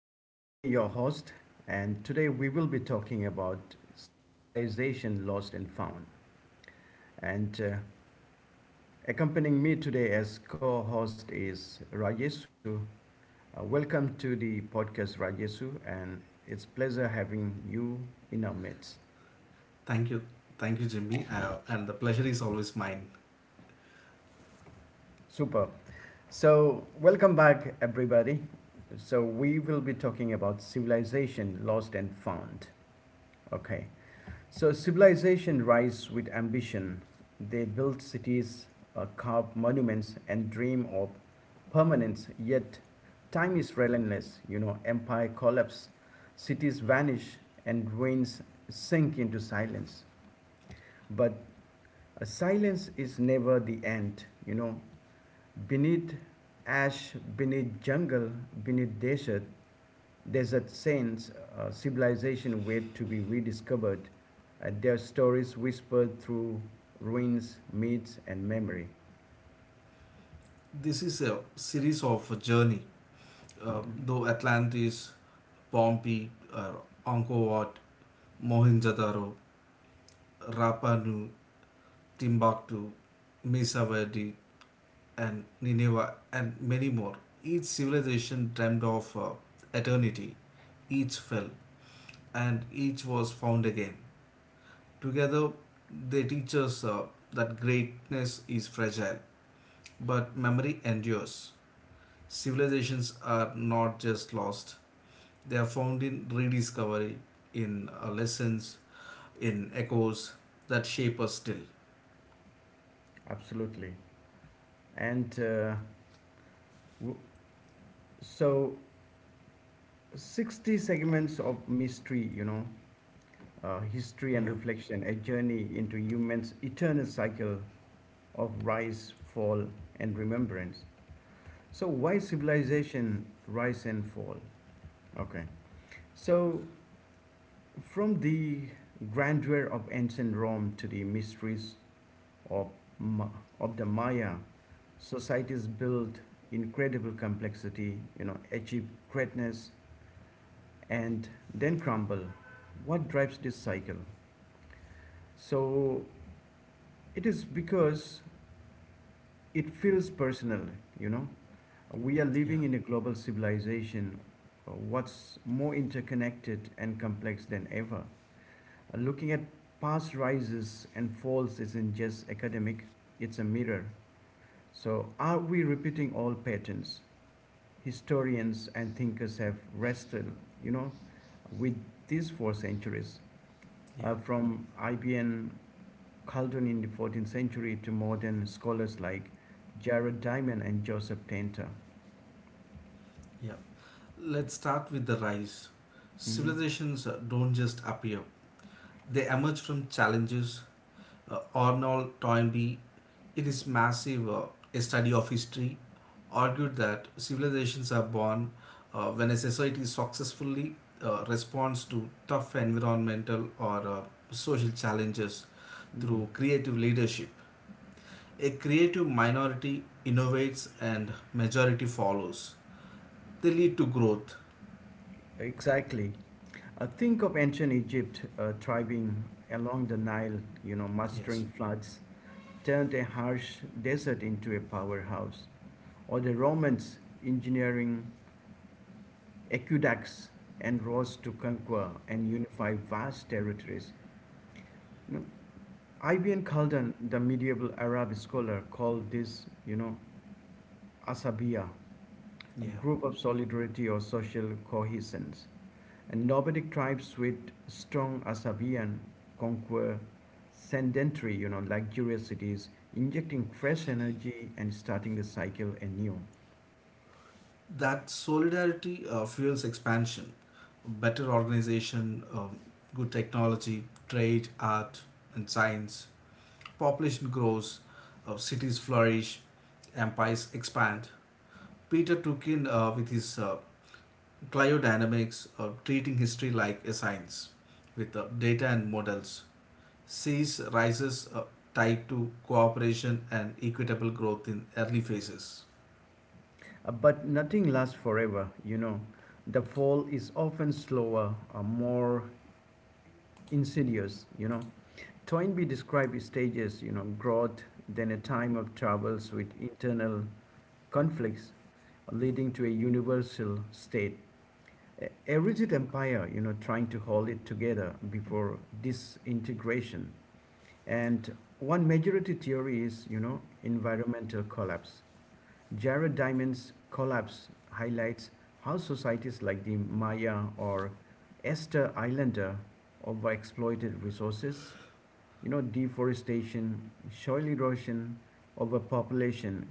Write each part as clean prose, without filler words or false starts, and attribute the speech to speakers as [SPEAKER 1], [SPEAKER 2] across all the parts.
[SPEAKER 1] I'm Jimmy, your host, and today we will be talking about civilization lost and found. And accompanying me today as co host is Rajesu. Welcome to the podcast, Rajesu, and it's pleasure having you in our midst.
[SPEAKER 2] Thank you. Thank you, Jimmy. And the pleasure is always mine.
[SPEAKER 1] Super. So, welcome back, everybody. So, we will be talking about civilization lost and found. Okay. So civilization rise with ambition. They build cities, carve monuments, and dream of permanence. Yet time is relentless. Empire collapse, cities vanish, and ruins sink into silence. But silence is never the end. Beneath ash, beneath jungle, beneath desert, there's a sense civilization wait to be rediscovered, and their stories whispered through ruins, myths, and memory.
[SPEAKER 2] This is a series of a journey. Uh,
[SPEAKER 1] Mm-hmm.
[SPEAKER 2] though Atlantis, Pompeii, Angkor Wat, Mohenjo-daro, Rapa Nui, Timbuktu, Mesa Verde, and Nineveh, and many more. Each civilization dreamed of eternity. Each fell, and each was found again. Together, they teach us that greatness is fragile, but memory endures. Civilizations are not just lost, they are found in rediscovery, in lessons, in echoes that shape us still.
[SPEAKER 1] Absolutely. And w- so 60 segments of mystery, history and
[SPEAKER 2] Yeah,
[SPEAKER 1] reflection, a journey into humans' eternal cycle of rise, fall, and remembrance. So, why civilization rise and fall? Okay. So, from the grandeur of ancient Rome to the mysteries of, of the Maya, societies built incredible complexity, achieve greatness, and then crumble. What drives this cycle? So it is because it feels personal, you know. We are
[SPEAKER 2] yeah,
[SPEAKER 1] living in a global civilization, what's more interconnected and complex than ever. Looking at past rises and falls isn't just academic, it's a mirror. So, are we repeating all patterns? Historians and thinkers have wrestled, you know, with this for centuries,
[SPEAKER 2] yeah.
[SPEAKER 1] from Ibn Calderon in the 14th century to modern scholars like Jared Diamond and Joseph Tenter.
[SPEAKER 2] Yeah. Let's start with the rise.
[SPEAKER 1] Mhm.
[SPEAKER 2] Civilizations don't just appear, they emerge from challenges. Arnold Toynbee, in his massive study of history, argued that civilizations are born when a society successfully responds to tough environmental or social challenges
[SPEAKER 1] Mhm.
[SPEAKER 2] through creative leadership. A creative minority innovates and majority follows they lead to growth.
[SPEAKER 1] Exactly. Think of ancient Egypt thriving along the Nile,
[SPEAKER 2] Yes.
[SPEAKER 1] mastering floods, turned a harsh desert into a powerhouse, or the Romans engineering aqueducts and roads to conquer and unify vast territories. You Ibn Khaldun, the medieval Arab scholar, called this, asabiya, a
[SPEAKER 2] Yeah.
[SPEAKER 1] group of solidarity or social cohesions. And nomadic tribes with strong asabian conquer sedentary, luxurious cities, injecting fresh energy and starting the cycle anew.
[SPEAKER 2] That solidarity fuels expansion, better organization, good technology, trade, art, and science. Population grows, cities flourish, empires expand. Peter took in with his cryodynamics of treating history like a science with data and models. Seas rises tied to cooperation and equitable growth in early phases.
[SPEAKER 1] But nothing lasts forever. The fall is often slower, more insidious. Toynbee described stages, growth, then a time of troubles with internal conflicts leading to a universal state. A rigid empire, trying to hold it together before disintegration. And one majority theory is, environmental collapse. Jared Diamond's collapse highlights how societies like the Maya or Esther Islander overexploited resources, deforestation, soil erosion, overpopulation,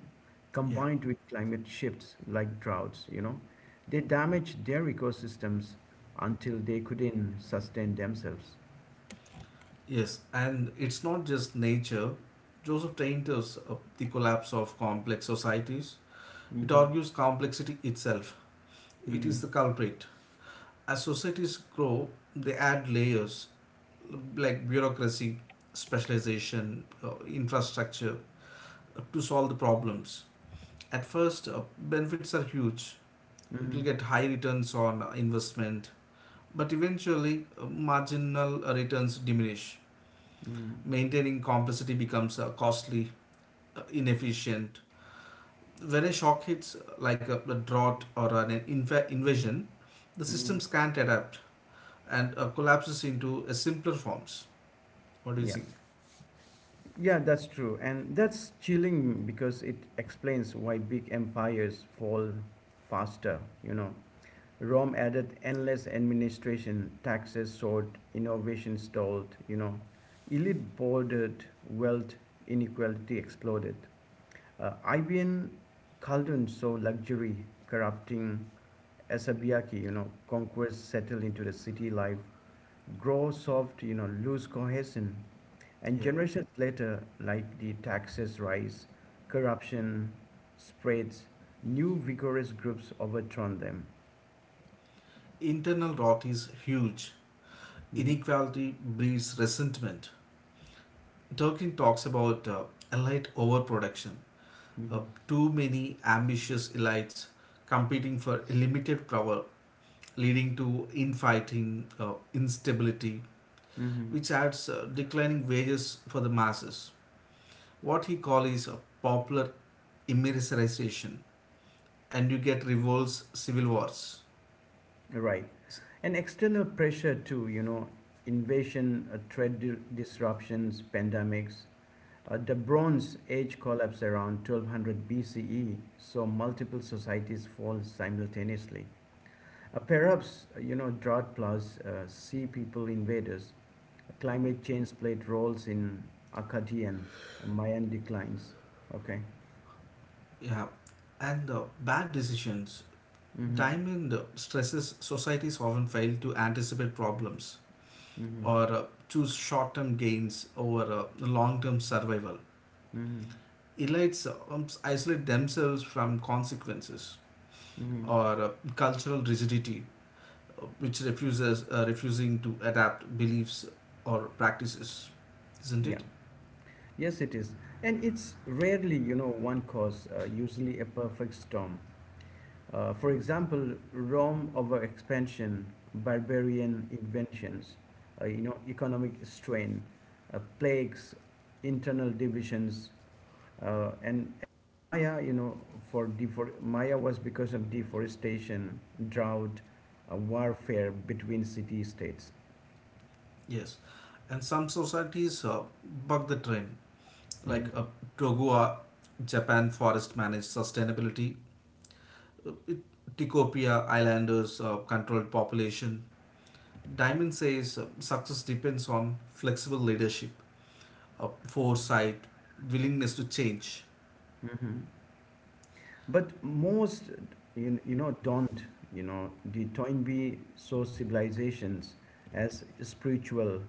[SPEAKER 2] Yeah.
[SPEAKER 1] combined with climate shifts like droughts, they damaged their ecosystems until they couldn't sustain themselves.
[SPEAKER 2] Yes, and it's not just nature. Joseph Tainter's The Collapse of Complex Societies. It
[SPEAKER 1] Mm-hmm.
[SPEAKER 2] argues complexity itself. It
[SPEAKER 1] Mm-hmm.
[SPEAKER 2] is the culprit. As societies grow, they add layers like bureaucracy, specialization, infrastructure to solve the problems. At first, benefits are huge. It will
[SPEAKER 1] Mm-hmm.
[SPEAKER 2] get high returns on investment, but eventually, marginal returns diminish
[SPEAKER 1] Mm-hmm.
[SPEAKER 2] maintaining complexity becomes costly, inefficient. When a shock hits, like a drought or an invasion, the
[SPEAKER 1] Mm-hmm.
[SPEAKER 2] systems can't adapt and collapses into a simpler forms. What do you
[SPEAKER 1] Yeah.
[SPEAKER 2] think?
[SPEAKER 1] Yeah, that's true. And that's chilling because it explains why big empires fall faster, you know. Rome added endless administration, taxes soared, innovation stalled. Elite bordered, wealth inequality exploded. Ibn Khaldun saw luxury corrupting Asabiaki, conquest settled into the city life, grow soft, lose cohesion. And
[SPEAKER 2] Yeah.
[SPEAKER 1] generations later, like the taxes rise, corruption spreads, new vigorous groups overthrown them.
[SPEAKER 2] Internal rot is huge.
[SPEAKER 1] Mhm,
[SPEAKER 2] Inequality breeds resentment. Tolkien talks about elite overproduction, uh,
[SPEAKER 1] mhm.
[SPEAKER 2] too many ambitious elites competing for limited power, leading to infighting, instability,
[SPEAKER 1] Hmm.
[SPEAKER 2] which adds declining wages for the masses. What he calls is a popular immerserization, and you get revolts, civil wars.
[SPEAKER 1] Right. And external pressure too, invasion, trade disruptions, pandemics. The Bronze Age collapse around 1200 BCE saw multiple societies fall simultaneously. Perhaps, drought plus sea people invaders climate change played roles in Akkadian Mayan declines. Okay.
[SPEAKER 2] Yeah, and bad decisions.
[SPEAKER 1] Mm-hmm.
[SPEAKER 2] Diamond stresses societies often fail to anticipate problems
[SPEAKER 1] Mm-hmm.
[SPEAKER 2] or choose short-term gains over long-term survival.
[SPEAKER 1] Mm-hmm.
[SPEAKER 2] Elites isolate themselves from consequences
[SPEAKER 1] Mm-hmm.
[SPEAKER 2] or cultural rigidity, which refuses refusing to adapt beliefs or practices, isn't
[SPEAKER 1] Yeah.
[SPEAKER 2] it?
[SPEAKER 1] Yes, it is, and it's rarely one cause. Usually a perfect storm. For example, Rome overexpansion, barbarian inventions, economic strain, plagues, internal divisions, And Maya, you know, for defor- Maya was because of deforestation, drought, warfare between city-states.
[SPEAKER 2] Yes, and some societies buck the trend,
[SPEAKER 1] Hmm.
[SPEAKER 2] like Togua, Japan forest managed sustainability, uh, Tikopia islanders controlled population, Diamond says success depends on flexible leadership, foresight, willingness to change.
[SPEAKER 1] Hmm. But most, you know, don't, you know, the Toynbee saw civilizations as spiritual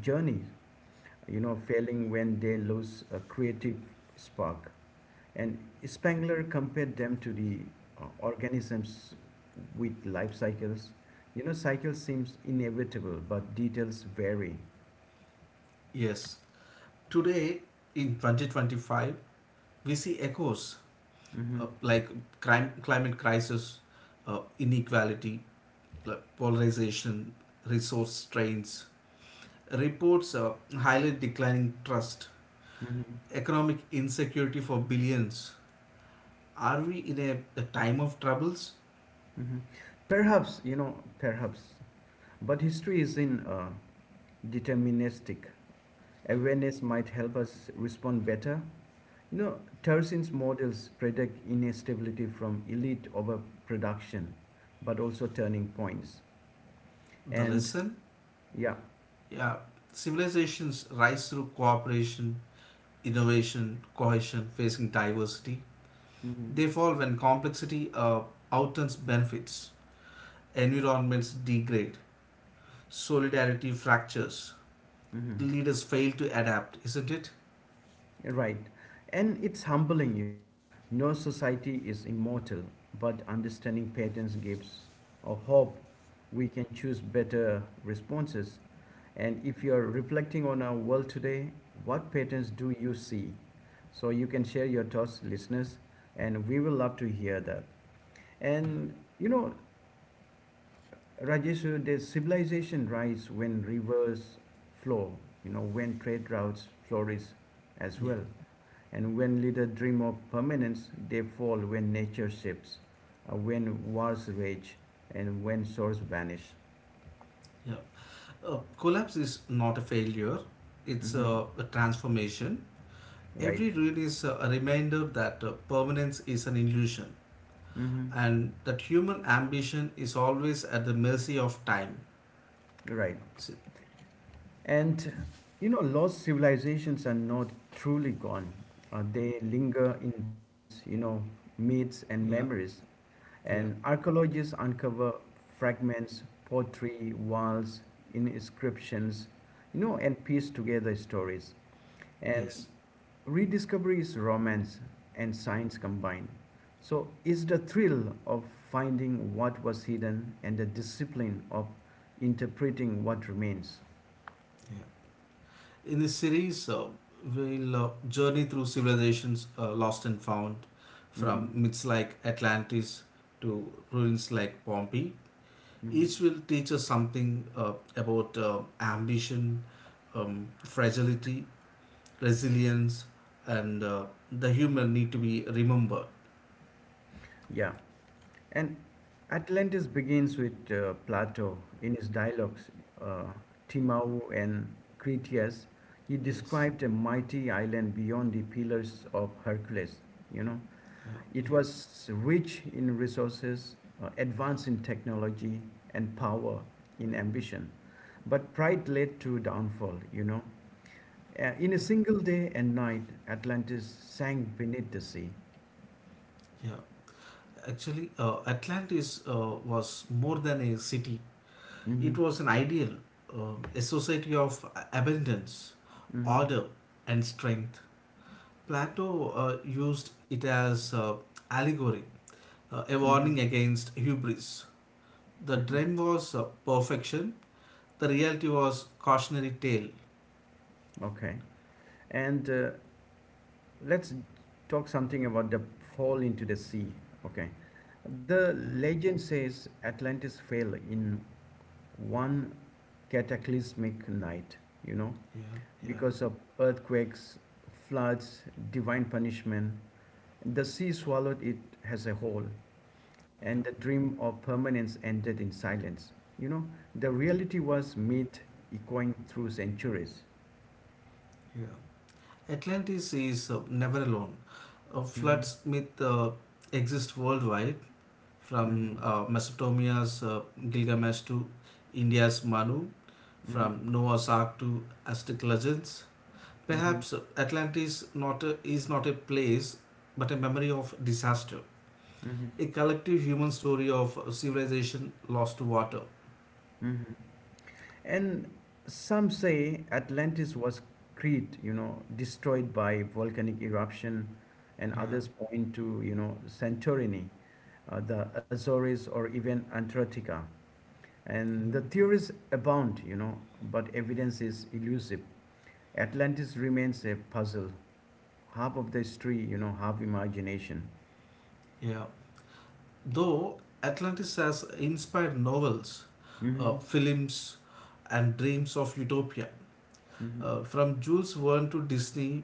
[SPEAKER 1] journeys, failing when they lose a creative spark. And Spengler compared them to the organisms with life cycles. Cycle seems inevitable, but details vary.
[SPEAKER 2] Yes. Today, in 2025, we see echoes
[SPEAKER 1] Hmm.
[SPEAKER 2] like crime, climate crisis, inequality, like polarization, resource strains. Reports highlight declining trust,
[SPEAKER 1] Hmm.
[SPEAKER 2] economic insecurity for billions. Are we in a time of troubles?
[SPEAKER 1] Hmm. Perhaps, perhaps. But history is in deterministic. Awareness might help us respond better. You know, Tersin's models predict instability from elite overproduction, but also turning points.
[SPEAKER 2] The
[SPEAKER 1] And
[SPEAKER 2] lesson?
[SPEAKER 1] yeah.
[SPEAKER 2] Yeah, civilizations rise through cooperation, innovation, cohesion, facing diversity.
[SPEAKER 1] Hmm.
[SPEAKER 2] They fall when complexity outruns benefits, environments degrade, solidarity fractures,
[SPEAKER 1] Hmm.
[SPEAKER 2] leaders fail to adapt, isn't it?
[SPEAKER 1] Right. And it's humbling. No society is immortal, but understanding patterns gives a hope we can choose better responses. And if you're reflecting on our world today, what patterns do you see? So you can share your thoughts, listeners, and we will love to hear that.
[SPEAKER 2] Yeah,
[SPEAKER 1] And you know, Rajesh, the civilization rise when rivers flow, when trade routes flourish as
[SPEAKER 2] yeah,
[SPEAKER 1] well. And when leaders dream of permanence, they fall when nature shifts, when wars rage, and when shores vanish.
[SPEAKER 2] yeah. Collapse is not a failure, it's
[SPEAKER 1] Hmm.
[SPEAKER 2] a transformation.
[SPEAKER 1] Right.
[SPEAKER 2] Every ruin is a reminder that permanence is an illusion,
[SPEAKER 1] Hmm.
[SPEAKER 2] and that human ambition is always at the mercy of time.
[SPEAKER 1] Right.
[SPEAKER 2] See,
[SPEAKER 1] And lost civilizations are not truly gone. They linger in ruins, myths and
[SPEAKER 2] yeah,
[SPEAKER 1] memories.
[SPEAKER 2] yeah,
[SPEAKER 1] And archaeologists uncover fragments, pottery, walls, inscriptions, and piece together stories. And
[SPEAKER 2] yes,
[SPEAKER 1] rediscovery is romance and science combined. So it's the thrill of finding what was hidden and the discipline of interpreting what remains.
[SPEAKER 2] yeah. In this series, we'll journey through civilizations lost and found, from
[SPEAKER 1] Mhm,
[SPEAKER 2] myths like Atlantis to ruins like Pompeii.
[SPEAKER 1] mhm.
[SPEAKER 2] Each will teach us something about ambition, fragility, resilience, and the human need to be remembered.
[SPEAKER 1] Yeah, and Atlantis begins with Plato in his dialogues, uh, Timau and Critias. He
[SPEAKER 2] Yes,
[SPEAKER 1] described a mighty island beyond the pillars of Hercules, you know,
[SPEAKER 2] yeah,
[SPEAKER 1] It
[SPEAKER 2] yeah,
[SPEAKER 1] was rich in resources, advanced in technology and power, in ambition. But pride led to downfall. In a
[SPEAKER 2] yeah.
[SPEAKER 1] single day and night, Atlantis sank beneath the sea.
[SPEAKER 2] Yeah, actually, Atlantis was more than a city.
[SPEAKER 1] Hmm.
[SPEAKER 2] It was an ideal, a society of abundance,
[SPEAKER 1] Hmm.
[SPEAKER 2] order, and strength. Plato used it as allegory, a
[SPEAKER 1] Hmm.
[SPEAKER 2] warning against hubris. The
[SPEAKER 1] Hmm.
[SPEAKER 2] dream was perfection. The reality was cautionary tale.
[SPEAKER 1] Okay. And let's talk something about the fall into the sea. Okay. The
[SPEAKER 2] Yeah,
[SPEAKER 1] legend says Atlantis fell in one cataclysmic night, you know,
[SPEAKER 2] yeah, yeah,
[SPEAKER 1] because of earthquakes, floods, divine punishment. The sea swallowed it as a whole, and
[SPEAKER 2] yeah,
[SPEAKER 1] the dream of permanence ended in silence. You know, the reality was myth echoing through centuries.
[SPEAKER 2] yeah. Atlantis is never alone. Uh,
[SPEAKER 1] Mhm,
[SPEAKER 2] floods myth exist worldwide,
[SPEAKER 1] mhm,
[SPEAKER 2] from Mesopotamia's Gilgamesh to India's Manu,
[SPEAKER 1] mhm,
[SPEAKER 2] from Noah's Ark to Aztec legends.
[SPEAKER 1] mhm,
[SPEAKER 2] Perhaps Atlantis not a, is not a place, but a memory of disaster,
[SPEAKER 1] mhm,
[SPEAKER 2] a collective human story of civilization lost to water.
[SPEAKER 1] mhm. And some say Atlantis was Crete, destroyed by volcanic eruption, and
[SPEAKER 2] Yeah,
[SPEAKER 1] others point to, Santorini, the Azores, or even Antarctica. And
[SPEAKER 2] yeah,
[SPEAKER 1] the theories abound, but evidence is elusive. Atlantis remains a puzzle, half of the history, half imagination.
[SPEAKER 2] yeah. Though Atlantis has inspired novels,
[SPEAKER 1] Mm-hmm.
[SPEAKER 2] films, and dreams of utopia,
[SPEAKER 1] Mm-hmm.
[SPEAKER 2] from Jules Verne to Disney,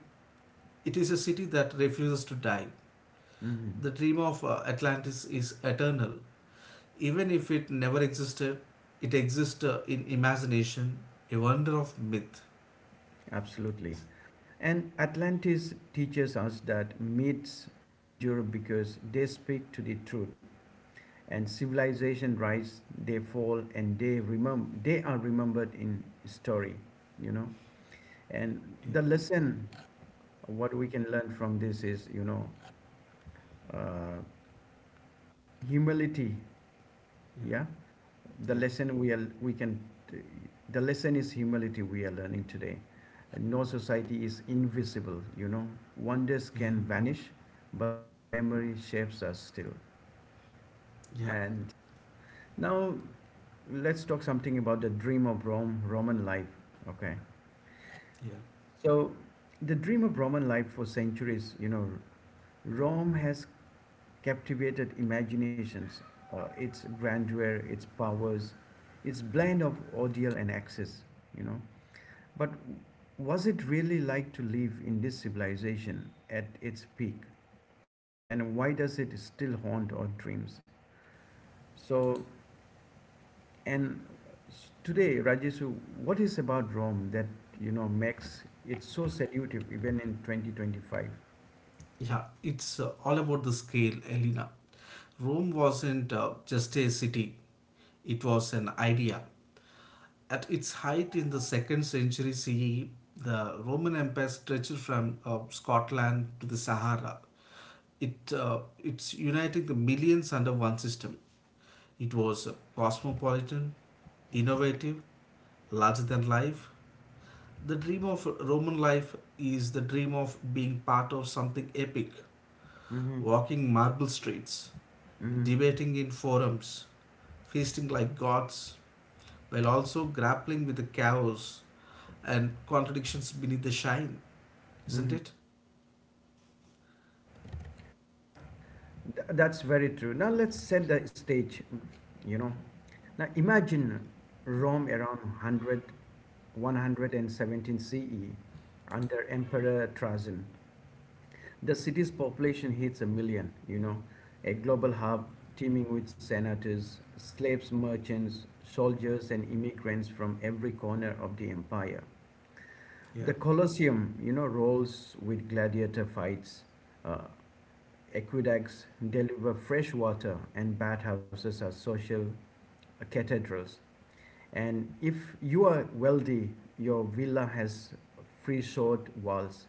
[SPEAKER 2] it is a city that refuses to die.
[SPEAKER 1] Mm-hmm.
[SPEAKER 2] The dream of Atlantis is eternal. Even if it never existed, it exists in imagination, a wonder of myth.
[SPEAKER 1] Absolutely. And Atlantis teaches us that myths endure because they speak to the truth and civilization rise, they fall and they are remembered in story, you know. And
[SPEAKER 2] Yeah,
[SPEAKER 1] the lesson what we can learn from this is uh, humility. Yeah, the
[SPEAKER 2] yeah, yeah,
[SPEAKER 1] lesson we are we can the lesson is humility we are learning today. And no society is invisible, wonders
[SPEAKER 2] yeah,
[SPEAKER 1] can vanish, but their memory shapes us still.
[SPEAKER 2] yeah,
[SPEAKER 1] And now let's talk something about the dream of Rome, Roman life. Okay.
[SPEAKER 2] yeah.
[SPEAKER 1] So the dream of Roman life for centuries. Rome has captivated imaginations, its grandeur, its powers, its blend of ordeal and excess, you know. But was it really like to live in this civilization at its peak? And why does it still haunt our dreams? So, and today, Rajesu, what is about Rome that, makes it so seductive even in 2025?
[SPEAKER 2] Yeah, it's all about the scale, Elena. Rome wasn't just a city, it was an idea. At its height in the 2nd century CE, the Roman Empire stretched from Scotland to the Sahara. It's uniting the millions under one system. It was cosmopolitan, innovative, larger than life. The dream of Roman life is the dream of being part of something epic
[SPEAKER 1] Mm-hmm,
[SPEAKER 2] walking marble streets,
[SPEAKER 1] mm-hmm,
[SPEAKER 2] debating in forums, feasting like gods, while also grappling with the chaos and contradictions beneath the shine, isn't
[SPEAKER 1] mm-hmm.
[SPEAKER 2] it?
[SPEAKER 1] Yeah, that's very true. Now let's set the stage, you know. Now imagine Rome around 100 117 CE under Emperor Trajan. The city's population hits a million, a global hub teeming with senators, slaves, merchants, soldiers, and immigrants from every corner of the empire. The
[SPEAKER 2] Yeah,
[SPEAKER 1] Colosseum rolls with gladiator fights, uh, Aqueducts deliver fresh water, and bathhouses are social cathedrals. And if you are wealthy, your villa has free short walls,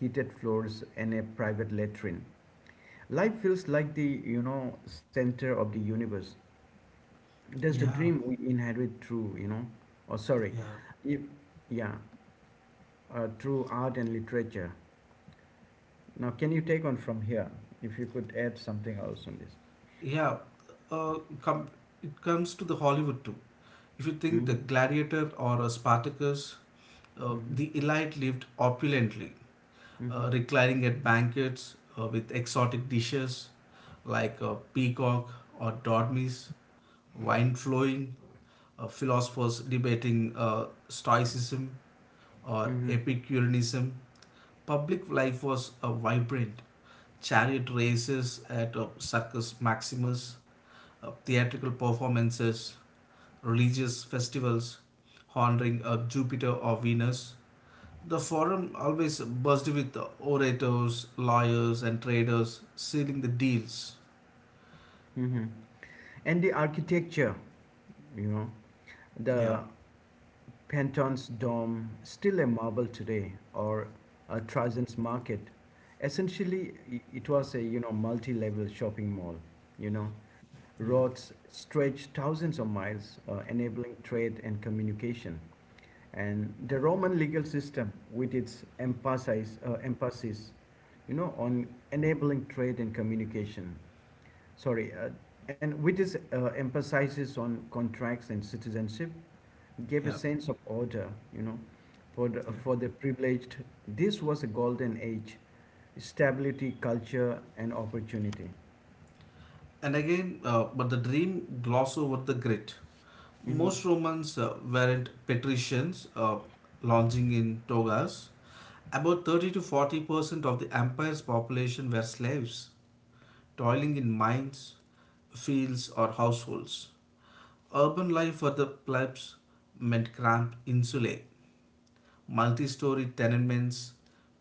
[SPEAKER 1] heated floors, and a private latrine. Life feels like the center of the universe. That's the
[SPEAKER 2] yeah,
[SPEAKER 1] dream we inherit through you know, or sorry,
[SPEAKER 2] yeah,
[SPEAKER 1] if, yeah, through art and literature. Now, can you take on from here? If you could add something else on this.
[SPEAKER 2] yeah. Uh, come, it comes to the Hollywood too. If you think the
[SPEAKER 1] Mm-hmm.
[SPEAKER 2] gladiator or a Spartacus, the elite lived opulently,
[SPEAKER 1] Hmm. Hmm.
[SPEAKER 2] reclining at banquets with exotic dishes like peacock or dormice, wine flowing, philosophers debating stoicism or
[SPEAKER 1] Mm-hmm.
[SPEAKER 2] epicureanism. Public life was vibrant. Chariot races at Circus Maximus, theatrical performances, religious festivals honoring Jupiter or Venus. The forum always buzzed with orators, lawyers, and traders sealing the deals.
[SPEAKER 1] Mm-hmm. And the architecture, you know,
[SPEAKER 2] Yeah,
[SPEAKER 1] the Panton's Dome, still a marvel today, or Trajan's Market. Essentially, it was a, multi-level shopping mall, you know.
[SPEAKER 2] yeah,
[SPEAKER 1] Roads stretched thousands of miles, enabling trade and communication. And the Roman legal system, with its emphasis, on enabling trade and communication, sorry, and which is emphasizes on contracts and citizenship, gave a
[SPEAKER 2] yeah,
[SPEAKER 1] sense of order, for the,
[SPEAKER 2] yeah.
[SPEAKER 1] for the privileged. This was a golden age, stability, culture, and opportunity.
[SPEAKER 2] And again, but the dream gloss over the grit.
[SPEAKER 1] Mm-hmm.
[SPEAKER 2] Most Romans weren't patricians lounging in togas. About 30 to 40% of the empire's population were slaves, toiling in mines, fields, or households. Urban life for the plebs meant cramped insulae, multi story tenements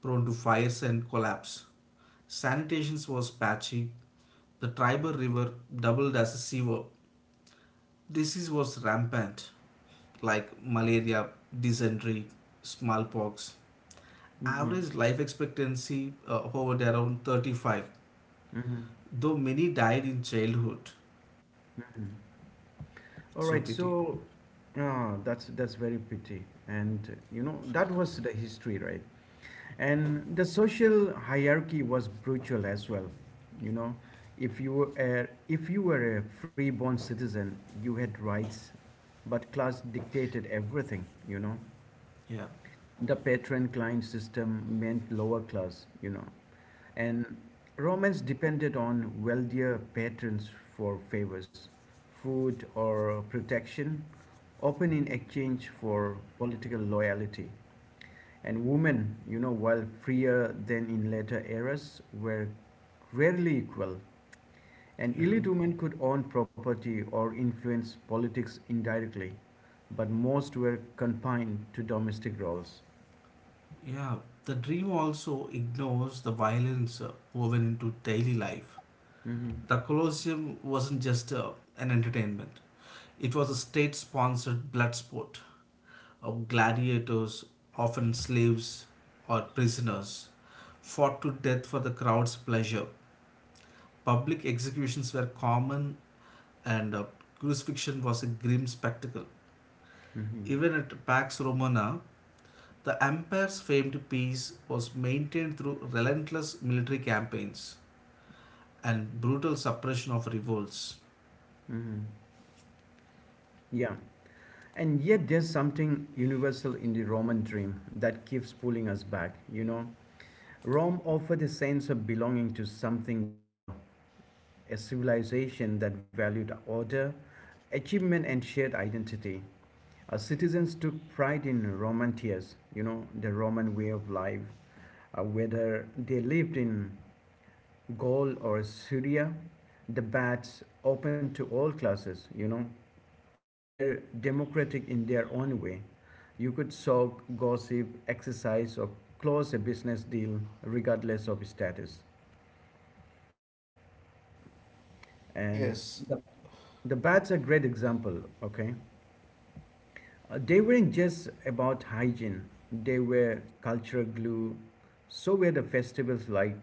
[SPEAKER 2] prone to fires and collapse. Sanitation was patchy. The Tiber River doubled as a sewer. Disease was rampant, like malaria, dysentery, smallpox.
[SPEAKER 1] Mm-hmm.
[SPEAKER 2] Average life expectancy hovered around 35,
[SPEAKER 1] Mm-hmm.
[SPEAKER 2] though many died in childhood.
[SPEAKER 1] All
[SPEAKER 2] It's
[SPEAKER 1] right,
[SPEAKER 2] so pity.
[SPEAKER 1] so that's very pretty, and that was the history, right? And the social hierarchy was brutal as well. You know, if you were a freeborn citizen, you had rights, but class dictated everything. You know,
[SPEAKER 2] Yeah.
[SPEAKER 1] the patron-client system meant lower class. And Romans depended on wealthier patrons for favors, food or protection, often in exchange for political loyalty. And women, while freer than in later eras, were rarely equal. An
[SPEAKER 2] Yeah.
[SPEAKER 1] elite woman could own property or influence politics indirectly, but most were confined to domestic roles.
[SPEAKER 2] Yeah, the dream also ignores the violence woven into daily life.
[SPEAKER 1] Hmm.
[SPEAKER 2] The Colosseum wasn't just an entertainment, it was a state sponsored blood sport of gladiators, often slaves or prisoners, fought to death for the crowd's pleasure. Public executions were common, and crucifixion was a grim spectacle.
[SPEAKER 1] Hmm.
[SPEAKER 2] Even at Pax Romana, the empire's famed peace was maintained through relentless military campaigns and brutal suppression of revolts.
[SPEAKER 1] Hmm. Yeah. And yet, there's something universal in the Roman dream that keeps pulling us back, you know. Rome offered a sense of belonging to something bigger, a civilization that valued order, achievement and shared identity. Citizens took pride in the Roman way of life. Whether they lived in Gaul or Syria, the baths open to all classes, you know, were democratic in their own way. You could soak, gossip, exercise, or close a business deal regardless of status. And
[SPEAKER 2] Yes,
[SPEAKER 1] the, the baths are a great example, okay? They weren't just about hygiene, they were cultural glue. So were the festivals like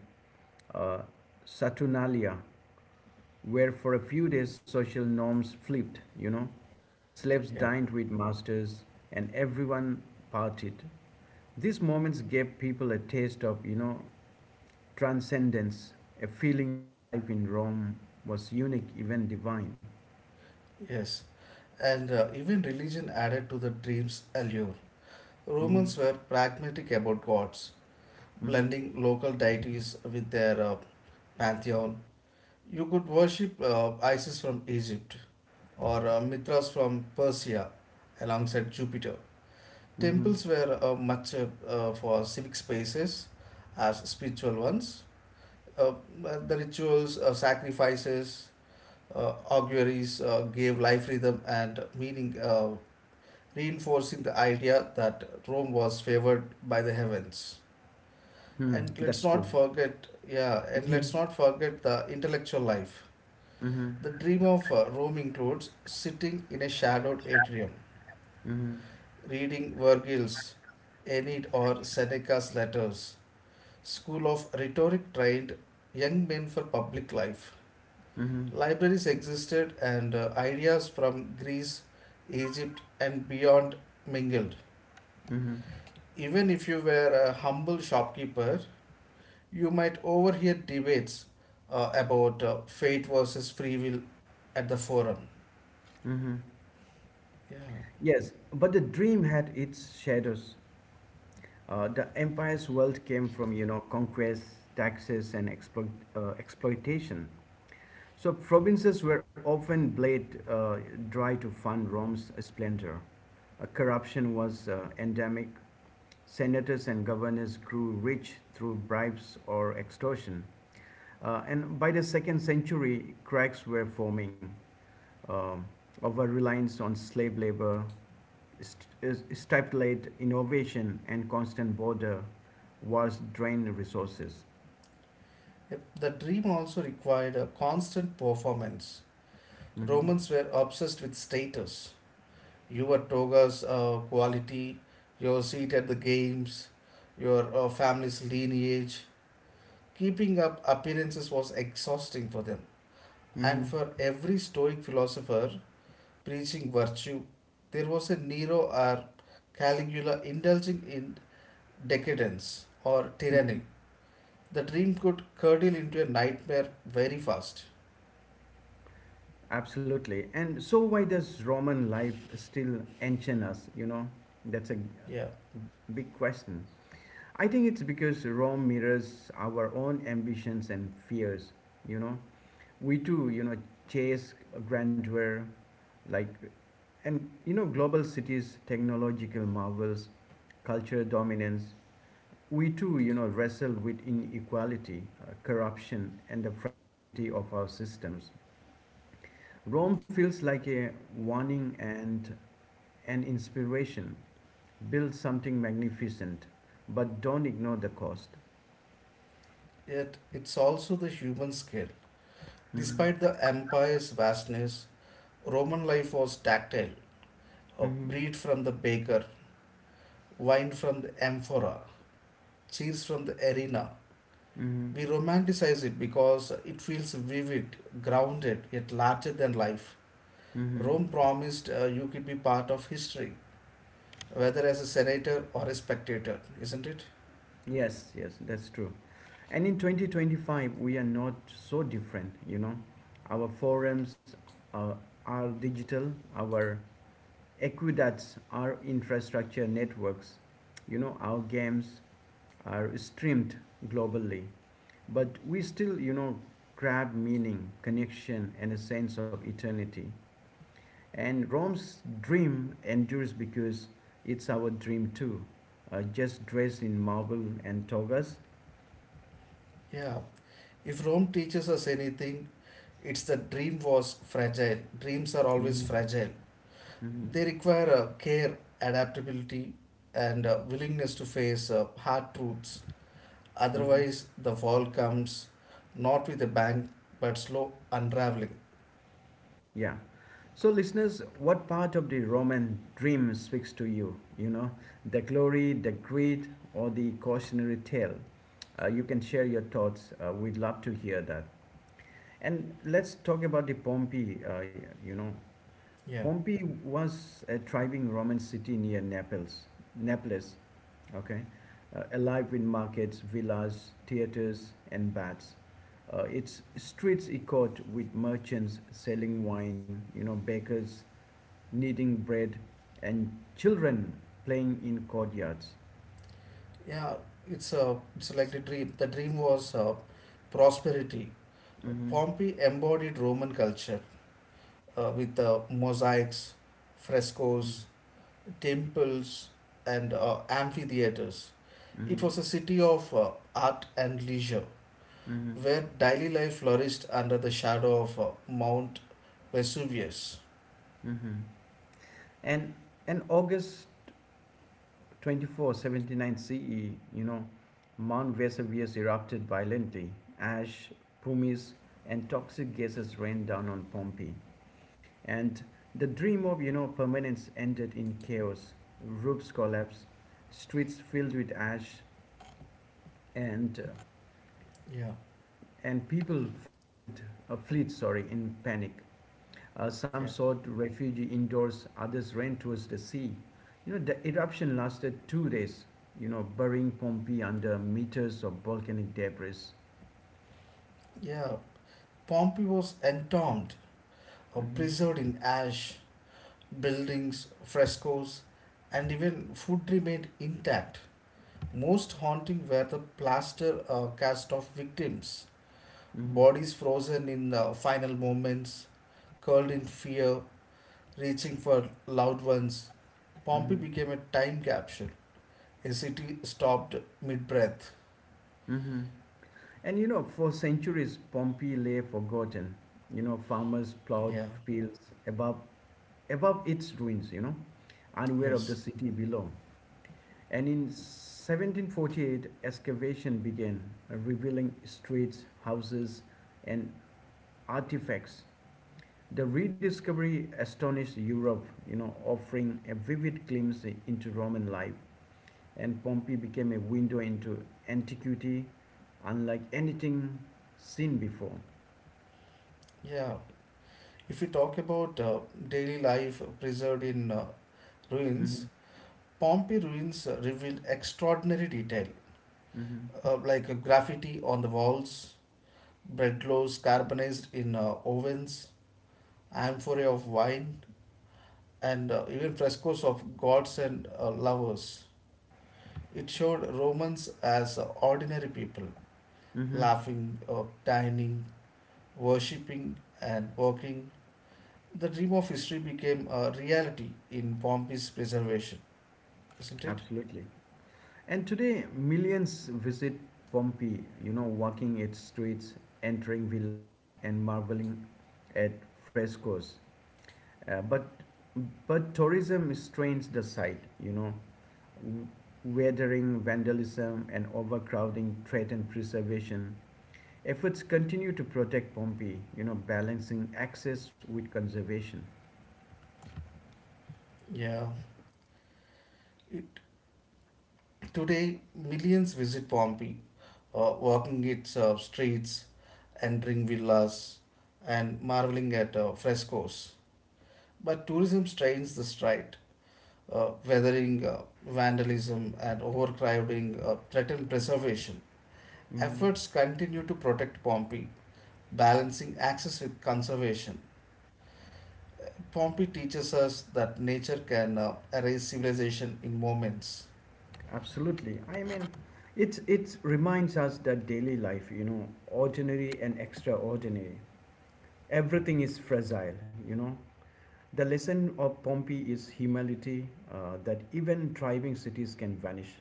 [SPEAKER 1] uh, Saturnalia, where for a few days social norms flipped, you know. Slaves
[SPEAKER 2] yeah,
[SPEAKER 1] dined with masters and everyone partied. These moments gave people a taste of transcendence, a feeling that life in Rome was unique, even divine.
[SPEAKER 2] yes. And even religion added to the dream's allure.
[SPEAKER 1] Mm-hmm.
[SPEAKER 2] Romans were pragmatic about gods,
[SPEAKER 1] Mm-hmm.
[SPEAKER 2] blending local deities with their pantheon. You could worship Isis from Egypt or Mithras from Persia alongside Jupiter.
[SPEAKER 1] Mm-hmm.
[SPEAKER 2] Temples were much for civic spaces as spiritual ones. Uh, the rituals, sacrifices, auguries gave life rhythm and meaning, reinforcing the idea that Rome was favored by the heavens.
[SPEAKER 1] Hmm,
[SPEAKER 2] And let's
[SPEAKER 1] that's
[SPEAKER 2] not
[SPEAKER 1] true.
[SPEAKER 2] forget, yeah, and
[SPEAKER 1] Mm-hmm.
[SPEAKER 2] let's not forget the intellectual life.
[SPEAKER 1] Mm-hmm.
[SPEAKER 2] The dream of Rome includes sitting in a shadowed atrium,
[SPEAKER 1] Mm-hmm.
[SPEAKER 2] reading Vergil's Aeneid or Seneca's letters. School of rhetoric trained young men for public life.
[SPEAKER 1] Mm-hmm.
[SPEAKER 2] Libraries existed and ideas from Greece, Egypt, and beyond mingled.
[SPEAKER 1] Mm-hmm.
[SPEAKER 2] Even if you were a humble shopkeeper, you might overhear debates about fate versus free will at the forum.
[SPEAKER 1] Mm-hmm.
[SPEAKER 2] Yeah.
[SPEAKER 1] Yes, but the dream had its shadows. The empire's wealth came from conquest, taxes, and exploitation. So provinces were often blade dry to fund Rome's splendor. Corruption was endemic. Senators and governors grew rich through bribes or extortion. And by the second century, cracks were forming. um Over reliance on slave labor, stipulate innovation and constant border wars drain resources.
[SPEAKER 2] Yep. The dream also required a constant performance.
[SPEAKER 1] Mhm.
[SPEAKER 2] Romans were obsessed with status. Your toga's quality, your seat at the games, your family's lineage. Keeping up appearances was exhausting for them. And
[SPEAKER 1] Mhm.
[SPEAKER 2] for every Stoic philosopher preaching virtue, there was a Nero or Caligula indulging in decadence or tyranny. The dream could curdle into a nightmare very fast.
[SPEAKER 1] Absolutely. And so, why does Roman life still enchant us? That's a
[SPEAKER 2] Yeah,
[SPEAKER 1] big question. I think it's because Rome mirrors our own ambitions and fears. You know, we too chase grandeur, like, and you know, global cities, technological marvels, cultural dominance. We too wrestle with inequality, corruption, and the fragility of our systems. Rome feels like a warning and an inspiration. Build something magnificent, but don't ignore the cost.
[SPEAKER 2] yet it's also the human scale.
[SPEAKER 1] Hmm.
[SPEAKER 2] Despite the empire's vastness, Roman life was tactile. Uh,
[SPEAKER 1] Hmm.
[SPEAKER 2] bread from the baker, wine from the amphora, cheese from the arena.
[SPEAKER 1] Hmm.
[SPEAKER 2] We romanticize it because it feels vivid, grounded, yet larger than life.
[SPEAKER 1] Hmm.
[SPEAKER 2] Rome promised you could be part of history, whether as a senator or a spectator, isn't it?
[SPEAKER 1] Yes, yes, that's true. And in 2025, we are not so different, you know. Our forums uh, are digital, our aqueducts are infrastructure networks. You know, our games are streamed globally, but we still, you know, grab meaning, connection, and a sense of eternity. And Rome's dream endures because it's our dream too, just dressed in marble and togas.
[SPEAKER 2] Yeah. If Rome teaches us anything, it's the dream was fragile. Dreams are
[SPEAKER 1] Mhm,
[SPEAKER 2] always fragile.
[SPEAKER 1] mhm,
[SPEAKER 2] They require care, adaptability, and willingness to face hard truths.
[SPEAKER 1] mhm.
[SPEAKER 2] Otherwise, the fall comes not with a bang but slow unraveling.
[SPEAKER 1] Yeah. So, listeners, what part of the Roman dream speaks to you? The glory, the greed, or the cautionary tale? You can share your thoughts. We'd love to hear that. And let's talk about the Pompeii. You know,
[SPEAKER 2] Yeah.
[SPEAKER 1] Pompeii was a thriving Roman city near Naples. Naples, okay, alive with markets, villas, theaters, and baths. Its streets echoed with merchants selling wine, you know, bakers kneading bread, and children playing in courtyards.
[SPEAKER 2] Yeah, it's like the dream. The dream was prosperity.
[SPEAKER 1] Mm-hmm.
[SPEAKER 2] Pompeii embodied Roman culture with mosaics, frescoes, temples, and amphitheaters. It
[SPEAKER 1] Mm-hmm.
[SPEAKER 2] was a city of art and leisure,
[SPEAKER 1] Mm-hmm.
[SPEAKER 2] where daily life flourished under the shadow of Mount Vesuvius.
[SPEAKER 1] Mm-hmm. And in August 24, 79 CE, you know, Mount Vesuvius erupted violently. Ash, pumice, and toxic gases rained down on Pompeii. And the dream of, you know, permanence ended in chaos. Roofs collapsed, streets filled with ash, and uh,
[SPEAKER 2] Yeah,
[SPEAKER 1] and people filed a fleet sorry in panic, some
[SPEAKER 2] yeah.
[SPEAKER 1] sought refuge indoors, others ran towards the sea. You know, the eruption lasted 2 days, you know, burying Pompeii under meters of volcanic debris.
[SPEAKER 2] Yeah. Pompeii was entombed,
[SPEAKER 1] Mhm,
[SPEAKER 2] preserved in ash, buildings, frescoes, and even food remained intact. Most haunting were the plaster cast of victims,
[SPEAKER 1] mhm,
[SPEAKER 2] bodies frozen in final moments, curled in fear, reaching for loved ones. Pompeii
[SPEAKER 1] mhm,
[SPEAKER 2] became a time capsule act stopped mid breath.
[SPEAKER 1] mhm. And you know, for centuries Pompeii lay forgotten, you know, farmers plowed
[SPEAKER 2] Yeah,
[SPEAKER 1] fields above its ruins, you know, unaware of the
[SPEAKER 2] yes.
[SPEAKER 1] city below. And in 1748, excavation began, revealing streets, houses, and artifacts. The rediscovery astonished Europe, you know, offering a vivid glimpse into Roman life. And Pompeii became a window into antiquity, unlike anything seen before.
[SPEAKER 2] Yeah. If we talk about daily life preserved in
[SPEAKER 1] Hmm.
[SPEAKER 2] ruins, Pompeii ruins reveal extraordinary detail,
[SPEAKER 1] Hmm.
[SPEAKER 2] like graffiti on the walls, bread loaves carbonized in ovens, amphorae of wine, and even frescoes of gods and lovers. It showed Romans as ordinary people,
[SPEAKER 1] Hmm.
[SPEAKER 2] laughing, dining, worshipping, and working. The dream of history became a reality in Pompey's preservation, isn't it?
[SPEAKER 1] Absolutely. And today, millions visit Pompeii, you know, walking its streets, entering villas, and marveling at frescoes. But tourism strains the site, you know. Weathering, vandalism, and overcrowding threaten preservation. Efforts continue to protect Pompeii, you know, balancing access with conservation.
[SPEAKER 2] Yeah. It, Today, millions visit Pompeii, walking its streets, entering villas, and marveling at frescoes. But tourism strains the stride, weathering vandalism and overcrowding threaten preservation.
[SPEAKER 1] Mm-hmm.
[SPEAKER 2] Efforts continue to protect Pompeii, balancing access with conservation. Pompey teaches us that nature can erase civilization in moments.
[SPEAKER 1] Absolutely. I mean, it reminds us that daily life, you know, ordinary and extraordinary, everything is fragile. You know, the lesson of Pompeii is humility. That even thriving cities can vanish,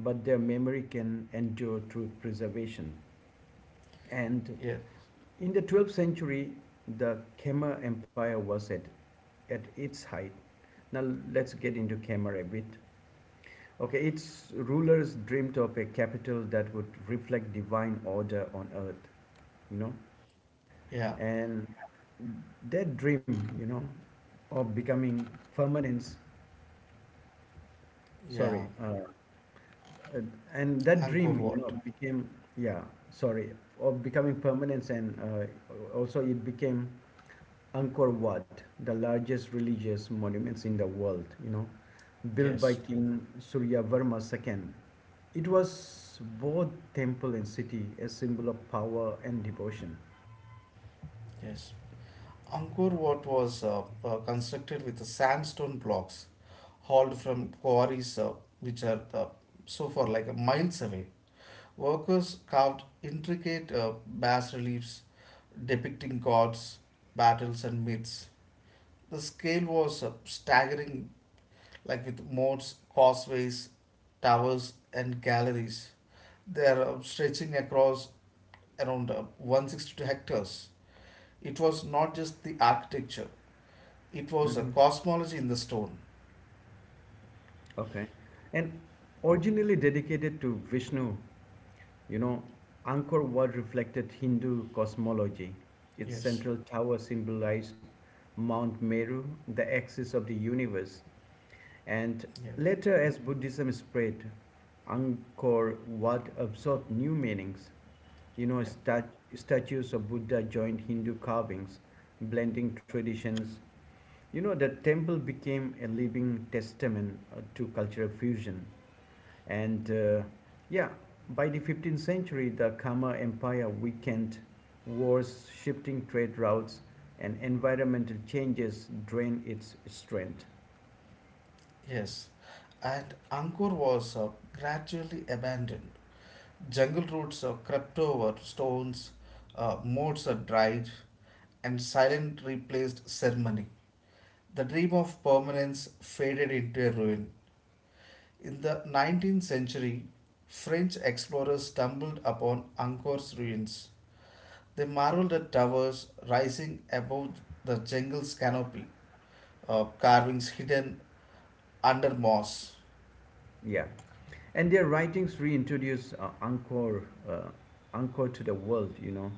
[SPEAKER 1] but their memory can endure through preservation. And
[SPEAKER 2] Yeah,
[SPEAKER 1] in the 12th century, the Khmer Empire was at its height. Now let's get into Khmer a bit. Okay, it's ruler's dreamt of a capital that would reflect divine order on earth, you know,
[SPEAKER 2] yeah,
[SPEAKER 1] and that dream, you know, of becoming permanence. Sorry,
[SPEAKER 2] yeah.
[SPEAKER 1] uh, and that
[SPEAKER 2] Angkor
[SPEAKER 1] dream, you know,
[SPEAKER 2] Wat.
[SPEAKER 1] became yeah. Sorry, of becoming permanence, and also it became Angkor Wat, the largest religious monuments in the world, you know, built by
[SPEAKER 2] Yes,
[SPEAKER 1] King Suryavarma II. It was both temple and city, a symbol of power and devotion.
[SPEAKER 2] yes. Angkor Wat was constructed with sandstone blocks hauled from quarries which are so far like miles away. Workers carved intricate bas reliefs depicting gods, battles, and myths. The scale was staggering, like with moats, causeways, towers, and galleries. They are stretching across around 162 hectares. It was not just the architecture, it was a
[SPEAKER 1] Mm-hmm.
[SPEAKER 2] cosmology in the stone.
[SPEAKER 1] Okay. And originally dedicated to Vishnu, you know, Angkor Wat reflected Hindu cosmology. Its
[SPEAKER 2] Yes,
[SPEAKER 1] central tower symbolized Mount Meru, the axis of the universe. And
[SPEAKER 2] yeah,
[SPEAKER 1] later, as Buddhism spread, Angkor Wat absorbed new meanings. You know,
[SPEAKER 2] yeah,
[SPEAKER 1] stat- Statues of Buddha joined Hindu carvings, blending traditions. You know, the temple became a living testament to cultural fusion. And uh, yeah, by the 15th century, the Kama Empire weakened, wars, shifting trade routes, and environmental changes drained its strength.
[SPEAKER 2] yes. And Angkor was gradually abandoned. Jungle roots crept over stones, moats are dried, and silent replaced ceremony. The dream of permanence faded into a ruin. In the 19th century, French explorers stumbled upon Angkor's ruins. They marveled at towers rising above the jungle's canopy, carvings hidden under moss.
[SPEAKER 1] Yeah. And their writings reintroduce uh, Angkor to the world, you know.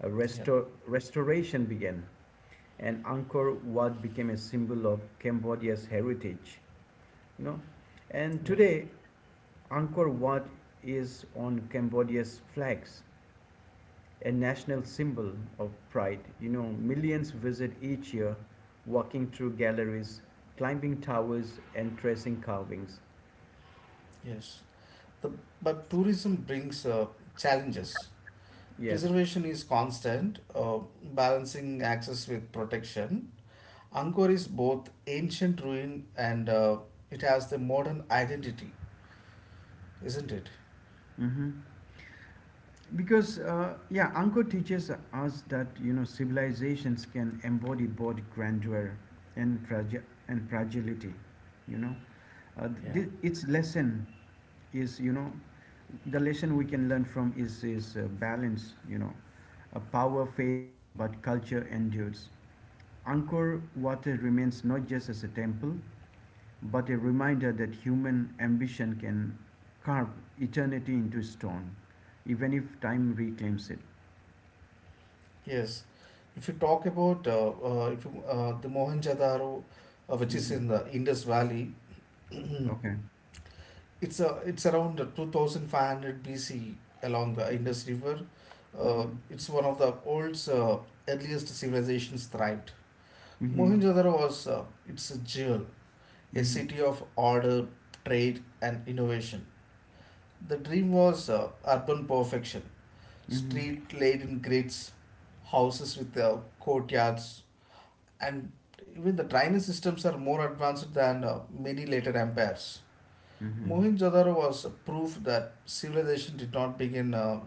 [SPEAKER 1] A
[SPEAKER 2] Yeah,
[SPEAKER 1] restoration began. And Angkor Wat became a symbol of Cambodia's heritage. You know, and
[SPEAKER 2] yeah,
[SPEAKER 1] today Angkor Wat is on Cambodia's flags, a national symbol of pride. You know, millions visit each year, walking through galleries, climbing towers, and tracing carvings.
[SPEAKER 2] yes. The, but tourism brings challenges.
[SPEAKER 1] Yes.
[SPEAKER 2] Preservation is constant, balancing access with protection. Angkor is both ancient ruin and it has the modern identity, isn't it?
[SPEAKER 1] Hmm. Because Angkor teaches us that you know civilizations can embody both grandeur and fragility. You know. uh,
[SPEAKER 2] Yeah.
[SPEAKER 1] th- its lesson is you know the lesson we can learn from is balance, you know. A power fades but culture endures. Angkor Wat remains not just as a temple but a reminder that human ambition can carve eternity into stone, even if time reclaims it.
[SPEAKER 2] Yes, if you talk about if you, the Mohenjo-daro, which is
[SPEAKER 1] Hmm.
[SPEAKER 2] in the Indus Valley,
[SPEAKER 1] Okay.
[SPEAKER 2] it's around 2500 hundred B C along the Indus River.
[SPEAKER 1] Hmm.
[SPEAKER 2] It's one of the oldest earliest civilizations thrived.
[SPEAKER 1] Hmm.
[SPEAKER 2] Mohenjo-daro was it's a jewel, a
[SPEAKER 1] Hmm.
[SPEAKER 2] city of order, trade, and innovation. The dream was urban perfection,
[SPEAKER 1] Hmm.
[SPEAKER 2] street laid in grids, houses with courtyards, and even the drainage systems are more advanced than many later empires.
[SPEAKER 1] Hmm.
[SPEAKER 2] Mohenjo-daro was a proof that civilization did not begin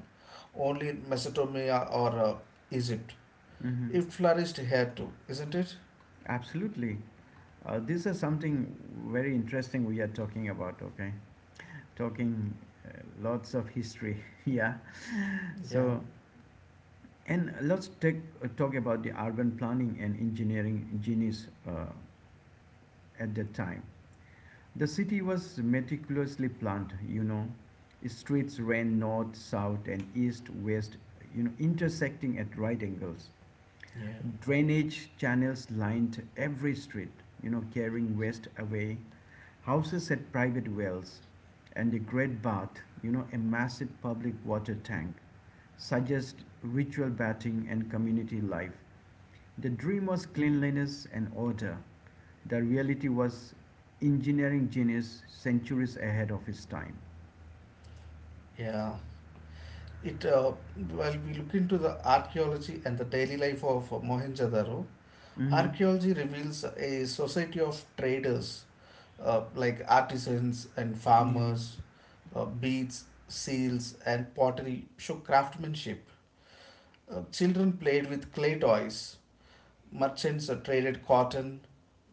[SPEAKER 2] only in Mesopotamia or Egypt.
[SPEAKER 1] Hmm.
[SPEAKER 2] It flourished here too, isn't it?
[SPEAKER 1] Absolutely. This is something very interesting we are talking about, okay? Talking uh, lots of history, yeah.
[SPEAKER 2] Yeah,
[SPEAKER 1] So, and let's talk about the urban planning and engineering genius at that time. The city was meticulously planned, you know. Streets ran north, south, and east, west, you know, intersecting at right angles.
[SPEAKER 2] yeah,
[SPEAKER 1] Drainage channels lined every street, you know, carrying waste away. Houses had private wells, and a great bath, you know, a massive public water tank, suggest ritual bathing and community life. The dream was cleanliness and order. The reality was engineering genius centuries ahead of his time.
[SPEAKER 2] yeah. It While we look into the archaeology and the daily life of Mohenjo-daro,
[SPEAKER 1] Hmm.
[SPEAKER 2] archaeology reveals a society of traders, like artisans and
[SPEAKER 1] Mm.
[SPEAKER 2] farmers, beads, seals, and pottery show craftsmanship. Children played with clay toys. Merchants traded cotton,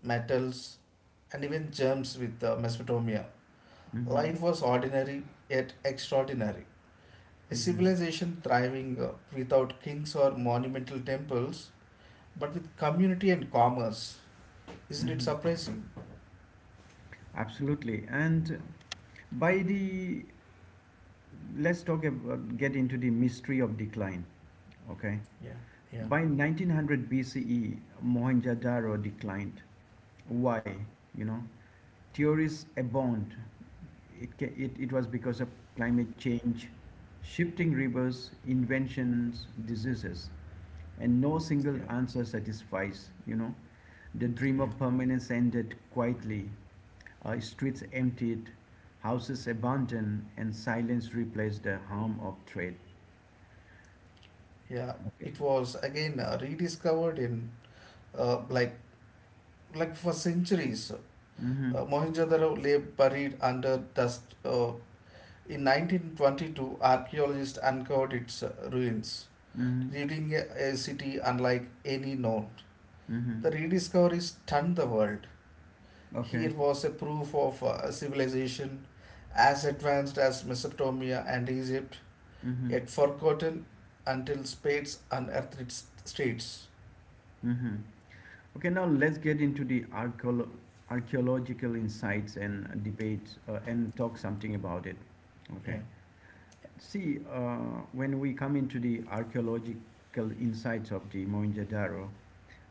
[SPEAKER 2] metals, and even germs with Mesopotamia.
[SPEAKER 1] Hmm.
[SPEAKER 2] Life was ordinary yet extraordinary. A
[SPEAKER 1] Hmm.
[SPEAKER 2] civilization thriving without kings or monumental temples, but with community and commerce. Isn't it
[SPEAKER 1] Hmm.
[SPEAKER 2] surprising?
[SPEAKER 1] Absolutely. And by the, let's talk about, get into the mystery of decline. Okay.
[SPEAKER 2] Yeah, yeah,
[SPEAKER 1] By 1900 BCE, Mohenjo-daro declined. Why? You know, theories abound. It was because of climate change, shifting rivers, inventions, diseases, and no single
[SPEAKER 2] yeah,
[SPEAKER 1] answer satisfies, you know. The dream
[SPEAKER 2] yeah,
[SPEAKER 1] of permanence ended quietly. Streets emptied, houses abandoned, and silence replaced the hum of trade.
[SPEAKER 2] yeah.
[SPEAKER 1] Okay.
[SPEAKER 2] It was again rediscovered in uh, like for centuries.
[SPEAKER 1] Mm-hmm.
[SPEAKER 2] Mohenjo-daro lay buried under dust. In 1922, archaeologists uncovered its ruins,
[SPEAKER 1] Mm-hmm.
[SPEAKER 2] leaving a city unlike any known.
[SPEAKER 1] Mm-hmm.
[SPEAKER 2] The rediscovery stunned the world.
[SPEAKER 1] Okay.
[SPEAKER 2] Here was a proof of a civilization as advanced as Mesopotamia and Egypt,
[SPEAKER 1] Mm-hmm.
[SPEAKER 2] yet forgotten until spades unearthed its streets.
[SPEAKER 1] Mm-hmm. Okay, now let's get into the archaeological insights and debate and talk something about it. Okay.
[SPEAKER 2] Yeah,
[SPEAKER 1] See, when we come into the archaeological insights of the Mohenjo-Daro,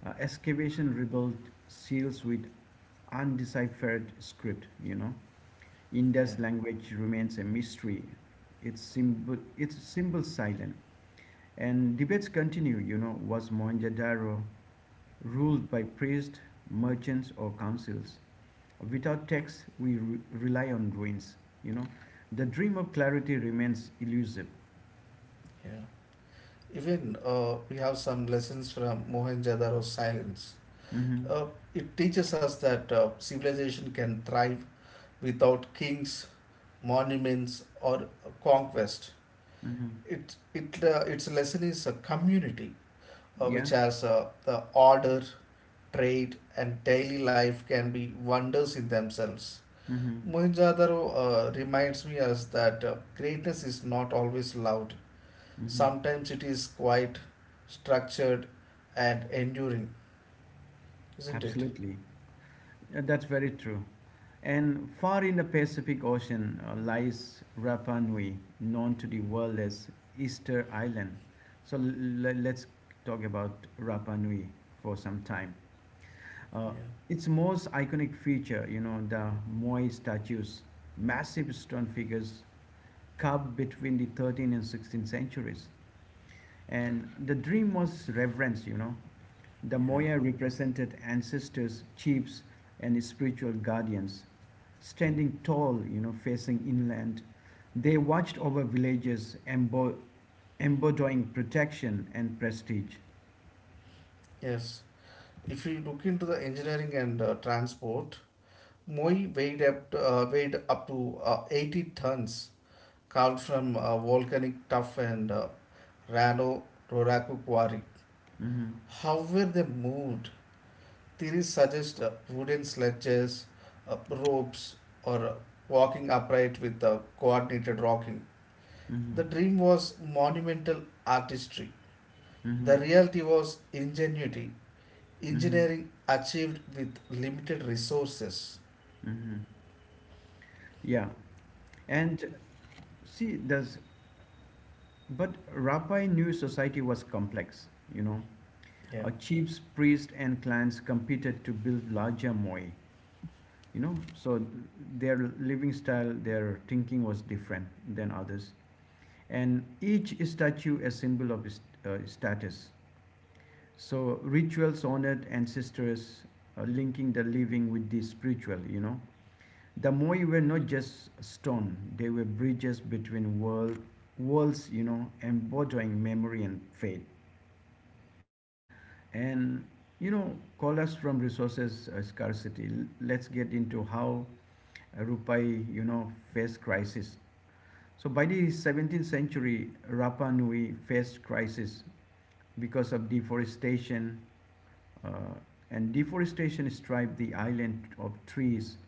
[SPEAKER 1] excavation revealed seals with undeciphered script. You know,
[SPEAKER 2] yeah,
[SPEAKER 1] Indus language remains a mystery. Its symbol silent, and debates continue. You know, was Mohenjo-Daro ruled by priests, merchants, or councils. Without texts, we rely on ruins. You know, the dream of clarity remains elusive.
[SPEAKER 2] yeah. Even we have some lessons from Mohenjo-daro silence.
[SPEAKER 1] Mm-hmm.
[SPEAKER 2] Uh, it teaches us that civilization can thrive without kings, monuments, or conquest.
[SPEAKER 1] Mm-hmm.
[SPEAKER 2] Its lesson is a community which
[SPEAKER 1] Yeah.
[SPEAKER 2] has the order, trade, and daily life can be wonders in themselves.
[SPEAKER 1] Mm-hmm.
[SPEAKER 2] Mohenjo-daro reminds me us that greatness is not always loud.
[SPEAKER 1] Mm-hmm.
[SPEAKER 2] Sometimes it is quite structured and enduring, isn't it?
[SPEAKER 1] Absolutely. That's very true. And far in the Pacific Ocean lies Rapa Nui, known to the world as Easter Island. So let's talk about Rapa Nui for some time. Uh,
[SPEAKER 2] Yeah,
[SPEAKER 1] its most iconic feature, you know, the Moai statues, massive stone figures carved between the 13th and 16th centuries. And the dream was reverence, you know. The
[SPEAKER 2] yeah.
[SPEAKER 1] Moai represented ancestors, chiefs, and spiritual guardians, standing tall, you know, facing inland. They watched over villages, embodying protection and prestige.
[SPEAKER 2] Yes. If you look into the engineering and transport, Moi weighed up to 80 tons, carved from volcanic tuff and Rano Roraku quarry.
[SPEAKER 1] Mhm,
[SPEAKER 2] How were they moved? Theories suggest wooden sledges, ropes, or walking upright with coordinated rocking.
[SPEAKER 1] mhm,
[SPEAKER 2] The dream was monumental artistry. The
[SPEAKER 1] mhm,
[SPEAKER 2] reality was ingenuity,
[SPEAKER 1] mhm,
[SPEAKER 2] engineering achieved with limited resources.
[SPEAKER 1] mhm. Yeah, and See, there's, but Rabbi New Society was complex, you know.
[SPEAKER 2] Yeah,
[SPEAKER 1] Chiefs, priests, and clans competed to build larger moi, you know. So their living style, their thinking was different than others. And each statue a symbol of status. So rituals honored ancestors, linking the living with the spiritual, you know. The Moai were not just stone, they were bridges between worlds, you know, embodying memory and faith. And, you know, collapse from resources scarcity. Let's get into how Rupai, you know, faced crisis. So by the 17th century, Rapa Nui faced crisis because of deforestation, uh, and deforestation stripped the island of trees,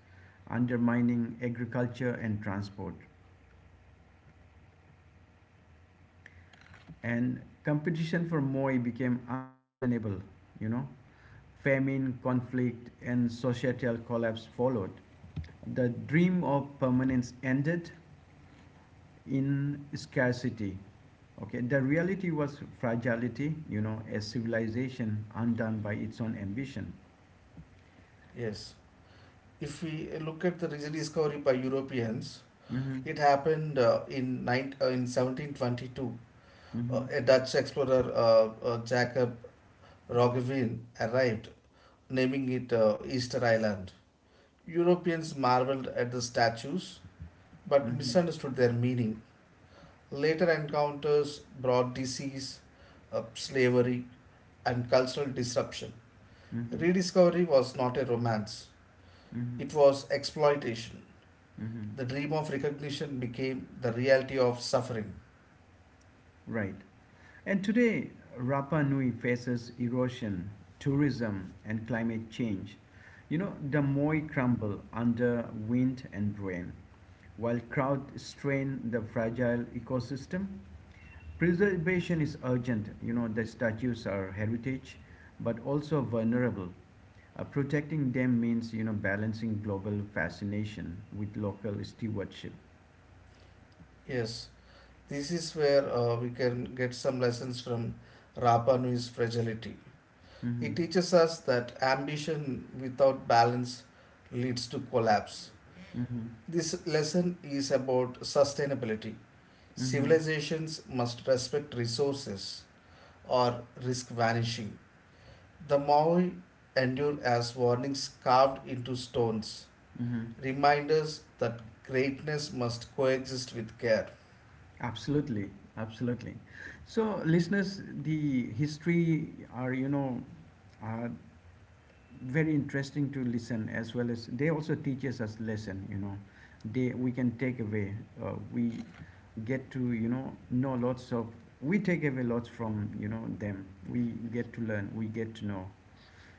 [SPEAKER 1] undermining agriculture and transport. And competition for moi became unsustainable, you know, famine, conflict and societal collapse followed. The dream of permanence ended in scarcity. Okay, the reality was fragility, you know, a civilization undone by its own ambition.
[SPEAKER 2] yes. If we look at the rediscovery by Europeans,
[SPEAKER 1] Mm-hmm.
[SPEAKER 2] it happened in 1722,
[SPEAKER 1] Mm-hmm.
[SPEAKER 2] a Dutch explorer, Jacob Roggeveen, arrived, naming it Easter Island. Europeans marveled at the statues but
[SPEAKER 1] Mm-hmm.
[SPEAKER 2] misunderstood their meaning. Later encounters brought disease, slavery, and cultural disruption.
[SPEAKER 1] Mm-hmm.
[SPEAKER 2] Rediscovery was not a romance,
[SPEAKER 1] Mm-hmm.
[SPEAKER 2] it was exploitation.
[SPEAKER 1] Mm-hmm.
[SPEAKER 2] The dream of recognition became the reality of suffering.
[SPEAKER 1] Right. And today, Rapa Nui faces erosion, tourism, and climate change. The moai crumble under wind and rain, while crowds strain the fragile ecosystem. Preservation is urgent. The statues are heritage, but also vulnerable. Protecting them means, balancing global fascination with local stewardship.
[SPEAKER 2] Yes, this is where we can get some lessons from Rapa Nui's fragility. It
[SPEAKER 1] Mm-hmm.
[SPEAKER 2] teaches us that ambition without balance leads to collapse.
[SPEAKER 1] Mm-hmm.
[SPEAKER 2] This lesson is about sustainability.
[SPEAKER 1] Mm-hmm.
[SPEAKER 2] Civilizations must respect resources or risk vanishing. The Maui endure as warnings carved into stones,
[SPEAKER 1] Mm-hmm.
[SPEAKER 2] reminders that greatness must coexist with care.
[SPEAKER 1] Absolutely, absolutely. So, listeners, the history are are very interesting to listen, as well as they also teaches us lesson. They we can take away. We get to know lots of. We take away lots from them. We get to learn. We get to know.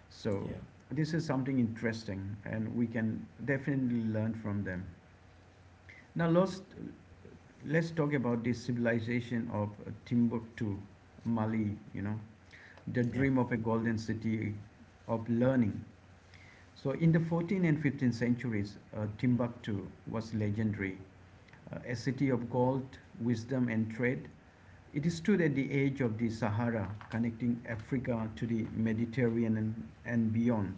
[SPEAKER 1] So
[SPEAKER 2] Yeah,
[SPEAKER 1] this is something interesting, and we can definitely learn from them. Now, lost let's talk about the civilization of Timbuktu, Mali, the
[SPEAKER 2] yeah,
[SPEAKER 1] dream of a golden city of learning. So, in the 14th and 15th centuries, Timbuktu was legendary, a city of gold, wisdom, and trade. It stood at the edge of the Sahara, connecting Africa to the Mediterranean and beyond.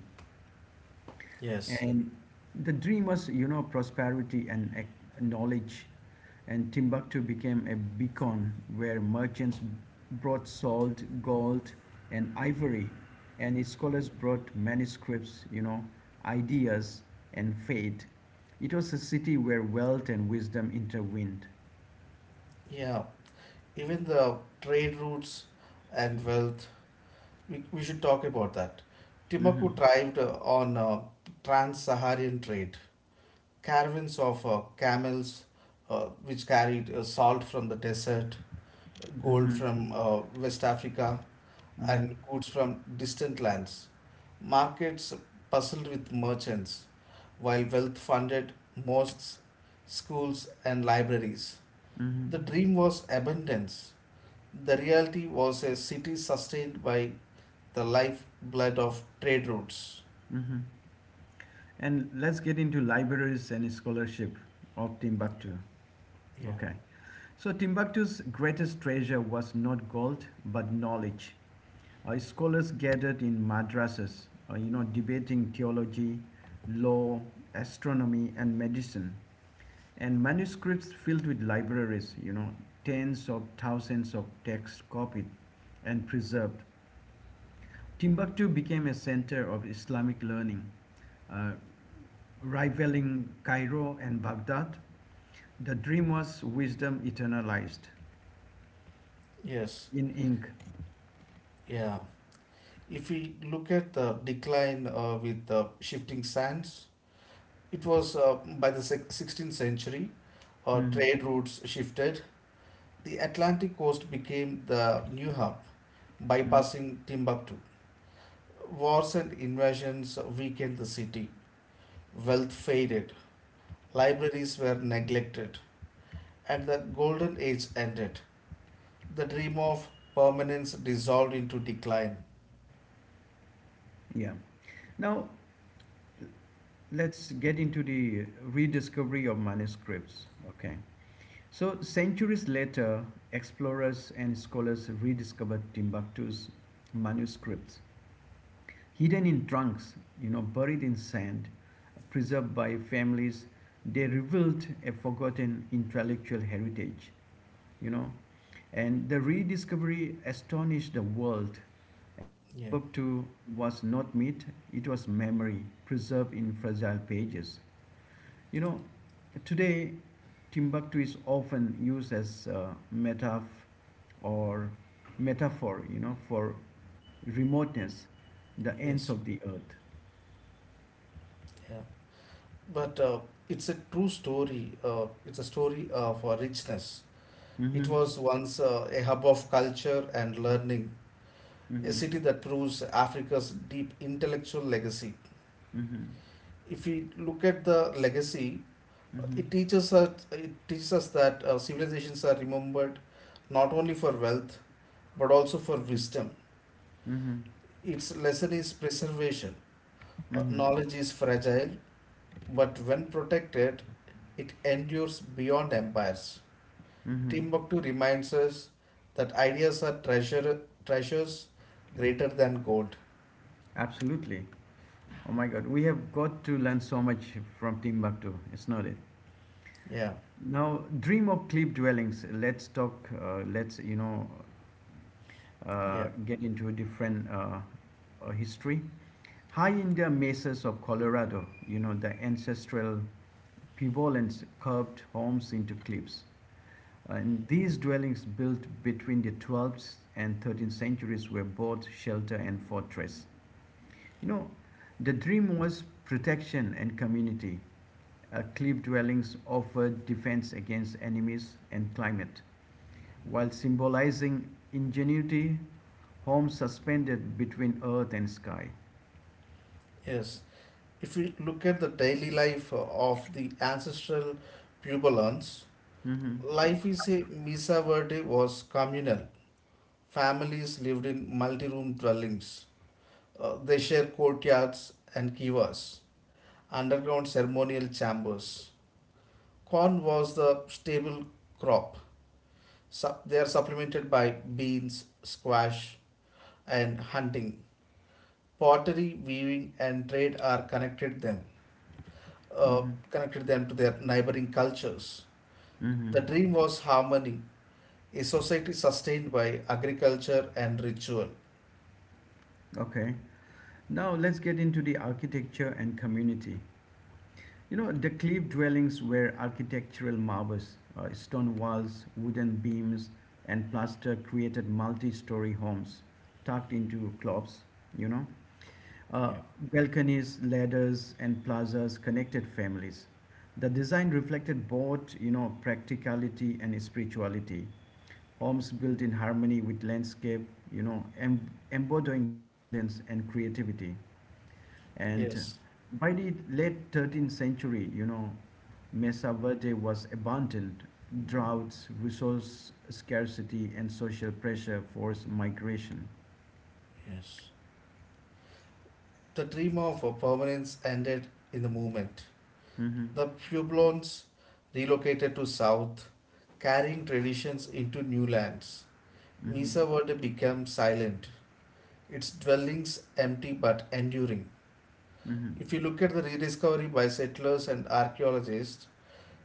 [SPEAKER 2] yes.
[SPEAKER 1] And the dream was, prosperity and knowledge. And Timbuktu became a beacon where merchants brought salt, gold, and ivory, and its scholars brought manuscripts, ideas, and faith. It was a city where wealth and wisdom intervened.
[SPEAKER 2] Yeah, even the trade routes and wealth, we should talk about that. Timbuktu
[SPEAKER 1] Hmm.
[SPEAKER 2] thrived on trans-saharan trade. Caravans of camels which carried salt from the desert, gold
[SPEAKER 1] Hmm.
[SPEAKER 2] from uh, West Africa, and
[SPEAKER 1] Hmm.
[SPEAKER 2] goods from distant lands. Markets puzzled with merchants, while wealth funded mosques, schools, and libraries.
[SPEAKER 1] Hmm.
[SPEAKER 2] The dream was abundance. The reality was a city sustained by the lifeblood of trade routes.
[SPEAKER 1] Hmm. And let's get into libraries and scholarship of Timbuktu.
[SPEAKER 2] Yeah.
[SPEAKER 1] Okay. So Timbuktu's greatest treasure was not gold but knowledge. Scholars gathered in madrasas, debating theology, law, astronomy, and medicine, and manuscripts filled with libraries, tens of thousands of texts copied and preserved. Timbuktu became a center of Islamic learning, uh, rivaling Cairo and Baghdad. The dream was wisdom eternalized
[SPEAKER 2] Yes.
[SPEAKER 1] in ink.
[SPEAKER 2] Yeah. If we look at the decline with the shifting sands, it was by the 16th century,
[SPEAKER 1] Mm.
[SPEAKER 2] trade routes shifted. The Atlantic coast became the new hub,
[SPEAKER 1] Mm.
[SPEAKER 2] bypassing Timbuktu. Wars and invasions weakened the city. Wealth faded. Libraries were neglected, and the golden age ended. The dream of permanence dissolved into decline.
[SPEAKER 1] Yeah. Now let's get into the rediscovery of manuscripts. Okay. So centuries later, explorers and scholars rediscovered Timbuktu's manuscripts, hidden in trunks, buried in sand, preserved by families. They revealed a forgotten intellectual heritage. you know. And the rediscovery astonished the world. And
[SPEAKER 2] Yeah,
[SPEAKER 1] Timbuktu was not myth; it was memory preserved in fragile pages. You know, today Timbuktu is often used as a or metaphor, for remoteness, the ends
[SPEAKER 2] yes,
[SPEAKER 1] of the earth.
[SPEAKER 2] yeah. But it's a true story. It's a story of richness. It
[SPEAKER 1] Mm-hmm.
[SPEAKER 2] was once a hub of culture and learning, a
[SPEAKER 1] Mm-hmm.
[SPEAKER 2] city that proves Africa's deep intellectual legacy.
[SPEAKER 1] Mm-hmm.
[SPEAKER 2] If we look at the legacy,
[SPEAKER 1] Mm-hmm.
[SPEAKER 2] it teaches us that civilizations are remembered not only for wealth but also for wisdom.
[SPEAKER 1] Mm-hmm.
[SPEAKER 2] Its lesson is preservation.
[SPEAKER 1] Mm-hmm.
[SPEAKER 2] Knowledge is fragile, but when protected, it endures beyond empires.
[SPEAKER 1] Mm-hmm.
[SPEAKER 2] Timbuktu reminds us that ideas are treasures greater than gold.
[SPEAKER 1] Absolutely. Oh my God, we have got to learn so much from Timbuktu. It's not it.
[SPEAKER 2] Yeah,
[SPEAKER 1] Now, dream of cliff dwellings. Let's talk. Let's
[SPEAKER 2] yeah,
[SPEAKER 1] get into a different history. High in the mesas of Colorado, you know the ancestral pivotlands curved homes into cliffs. And these dwellings built between the 12th and 13th centuries were both shelter and fortress. You know, the dream was protection and community. Cliff dwellings offer defense against enemies and climate, while symbolizing ingenuity, homes suspended between earth and sky.
[SPEAKER 2] yes. If we look at the daily life of the ancestral Puebloans,
[SPEAKER 1] Hmm.
[SPEAKER 2] life is a Misa Verde was communal. Families lived in multi room dwellings. They share courtyards and kivas, underground ceremonial chambers. Corn was the staple crop. They are supplemented by beans, squash, and hunting. Pottery, weaving, and trade uh,
[SPEAKER 1] Hmm.
[SPEAKER 2] connected them to their neighboring cultures. The
[SPEAKER 1] Hmm.
[SPEAKER 2] dream was harmony, a society sustained by agriculture and ritual.
[SPEAKER 1] Okay. Now let's get into the architecture and community. The cliff dwellings were architectural marvels. Stone walls, wooden beams, and plaster created multi story homes tucked into clofts, you know, Uh,
[SPEAKER 2] Yeah.
[SPEAKER 1] balconies, ladders, and plazas connected families. The design reflected both, practicality and spirituality. Homes built in harmony with landscape, embodying resilience and creativity. And
[SPEAKER 2] Yes,
[SPEAKER 1] by the late 13th century, Mesa Verde was abandoned. Droughts, resource scarcity, and social pressure forced migration.
[SPEAKER 2] yes. The dream of permanence ended in the movement.
[SPEAKER 1] Mm-hmm.
[SPEAKER 2] The Pueblans relocated to south, carrying traditions into new lands.
[SPEAKER 1] Mm-hmm.
[SPEAKER 2] Mesa Verde became silent, its dwellings empty but enduring.
[SPEAKER 1] Mm-hmm.
[SPEAKER 2] If you look at the rediscovery by settlers and archaeologists,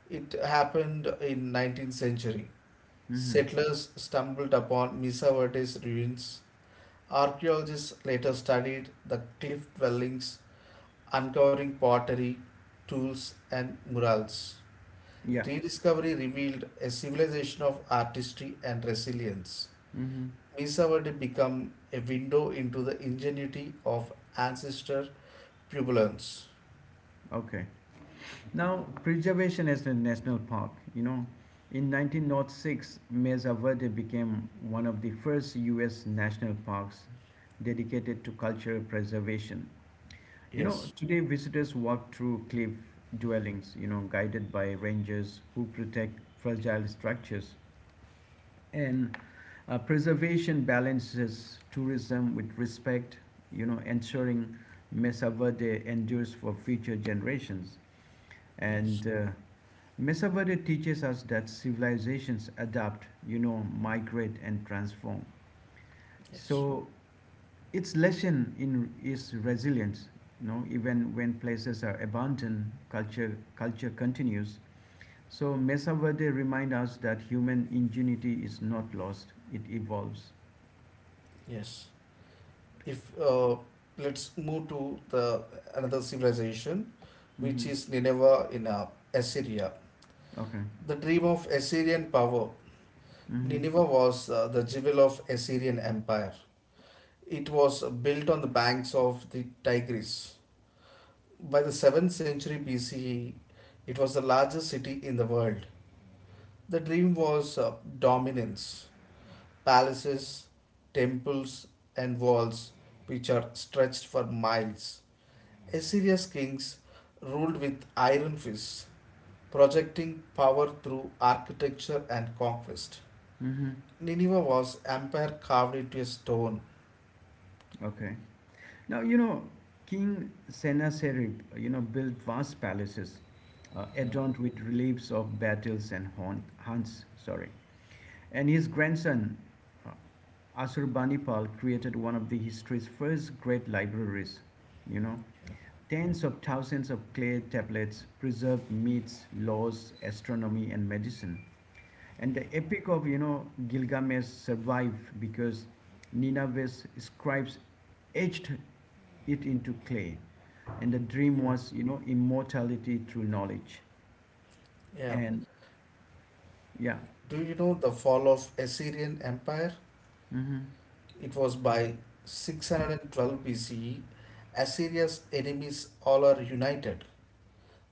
[SPEAKER 2] it happened in 19th century.
[SPEAKER 1] Mm-hmm.
[SPEAKER 2] Settlers stumbled upon Mesa Verde's ruins. Archaeologists later studied the cliff dwellings, uncovering pottery, tools, and murals.
[SPEAKER 1] Yeah.
[SPEAKER 2] Rediscovery revealed a civilization of artistry and resilience.
[SPEAKER 1] Mhm.
[SPEAKER 2] Misawadi became a window into the ingenuity of ancestor pupillans.
[SPEAKER 1] Okay. Now, preservation as a national park. In 1906, Mesa Verde became one of the first U.S. national parks dedicated to cultural preservation.
[SPEAKER 2] Yes,
[SPEAKER 1] Today visitors walk through cliff dwellings, guided by rangers who protect fragile structures. And preservation balances tourism with respect, ensuring Mesa Verde endures for future generations.
[SPEAKER 2] yes,
[SPEAKER 1] And Mesaverde teaches us that civilizations adapt, migrate and transform.
[SPEAKER 2] yes,
[SPEAKER 1] So its lesson in is resilience. Even when places are abandoned, culture continues. So Mesaverde remind us that human ingenuity is not lost; it evolves.
[SPEAKER 2] yes. If Let's move to the another civilization, which
[SPEAKER 1] Hmm.
[SPEAKER 2] is Nineveh in Assyria.
[SPEAKER 1] Okay.
[SPEAKER 2] The dream of Assyrian power.
[SPEAKER 1] Hmm.
[SPEAKER 2] Nineveh was the jewel of Assyrian empire. It was built on the banks of the Tigris. By the 7th century BCE, it was the largest city in the world. The dream was dominance, palaces, temples, and walls which are stretched for miles. Assyria's kings ruled with iron fists, projecting power through architecture and conquest.
[SPEAKER 1] Hmm.
[SPEAKER 2] Nineveh was empire carved into a stone.
[SPEAKER 1] Okay. Now, King Sennacherib, built vast palaces
[SPEAKER 2] Yeah,
[SPEAKER 1] adorned with reliefs of battles and hunts. Sorry, and his grandson uh, Asurbanipal created one of the history's first great libraries. You know,
[SPEAKER 2] yeah,
[SPEAKER 1] tens of thousands of clay tablets preserved myths, laws, astronomy, and medicine. And the epic of Gilgamesh survived because Nineveh's scribes etched it into clay. And the dream
[SPEAKER 2] yeah,
[SPEAKER 1] was, immortality through knowledge.
[SPEAKER 2] yeah.
[SPEAKER 1] And yeah,
[SPEAKER 2] Do you know the fall of Assyrian Empire?
[SPEAKER 1] hmm,
[SPEAKER 2] It was by 612 BCE, Assyria's enemies all are united.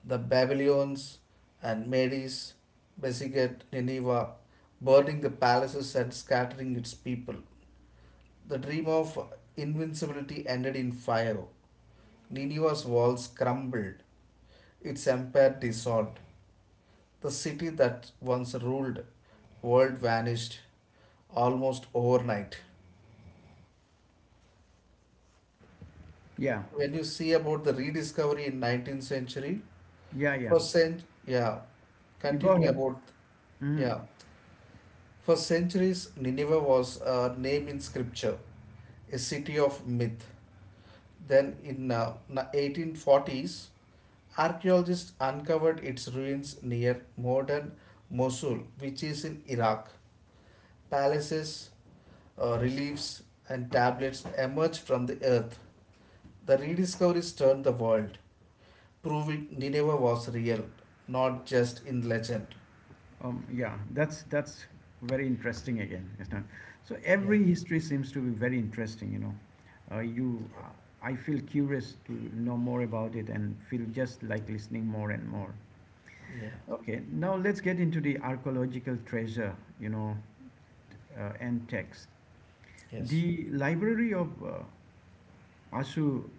[SPEAKER 2] The Babylonians and Medes besieged Nineveh, burning the palaces and scattering its people. The dream of invincibility ended in fire. Nineveh's walls crumbled, its empire dissolved. The city that once ruled the world vanished almost overnight.
[SPEAKER 1] yeah,
[SPEAKER 2] When you see about the rediscovery in 19th century,
[SPEAKER 1] yeah, yeah.
[SPEAKER 2] for cent yeah
[SPEAKER 1] You go
[SPEAKER 2] continue
[SPEAKER 1] ahead.
[SPEAKER 2] about
[SPEAKER 1] Hmm.
[SPEAKER 2] yeah for centuries Nineveh was a name in scripture, a city of myth. Then in 1840s, archaeologists uncovered its ruins near modern Mosul, which is in Iraq. Palaces, reliefs, and tablets emerged from the earth. The rediscoveries turned the world, proving Nineveh was real, not just in legend.
[SPEAKER 1] Yeah, that's very interesting again. It's not, so
[SPEAKER 2] Yeah.
[SPEAKER 1] every history seems to be very interesting, you know. Uh, you,
[SPEAKER 2] Yeah.
[SPEAKER 1] I feel curious to know more about it and feel just like listening more and more.
[SPEAKER 2] Yeah.
[SPEAKER 1] Okay, now let's get into the archaeological treasure, you know, and text.
[SPEAKER 2] Yes.
[SPEAKER 1] The Library of Ashurpanipal,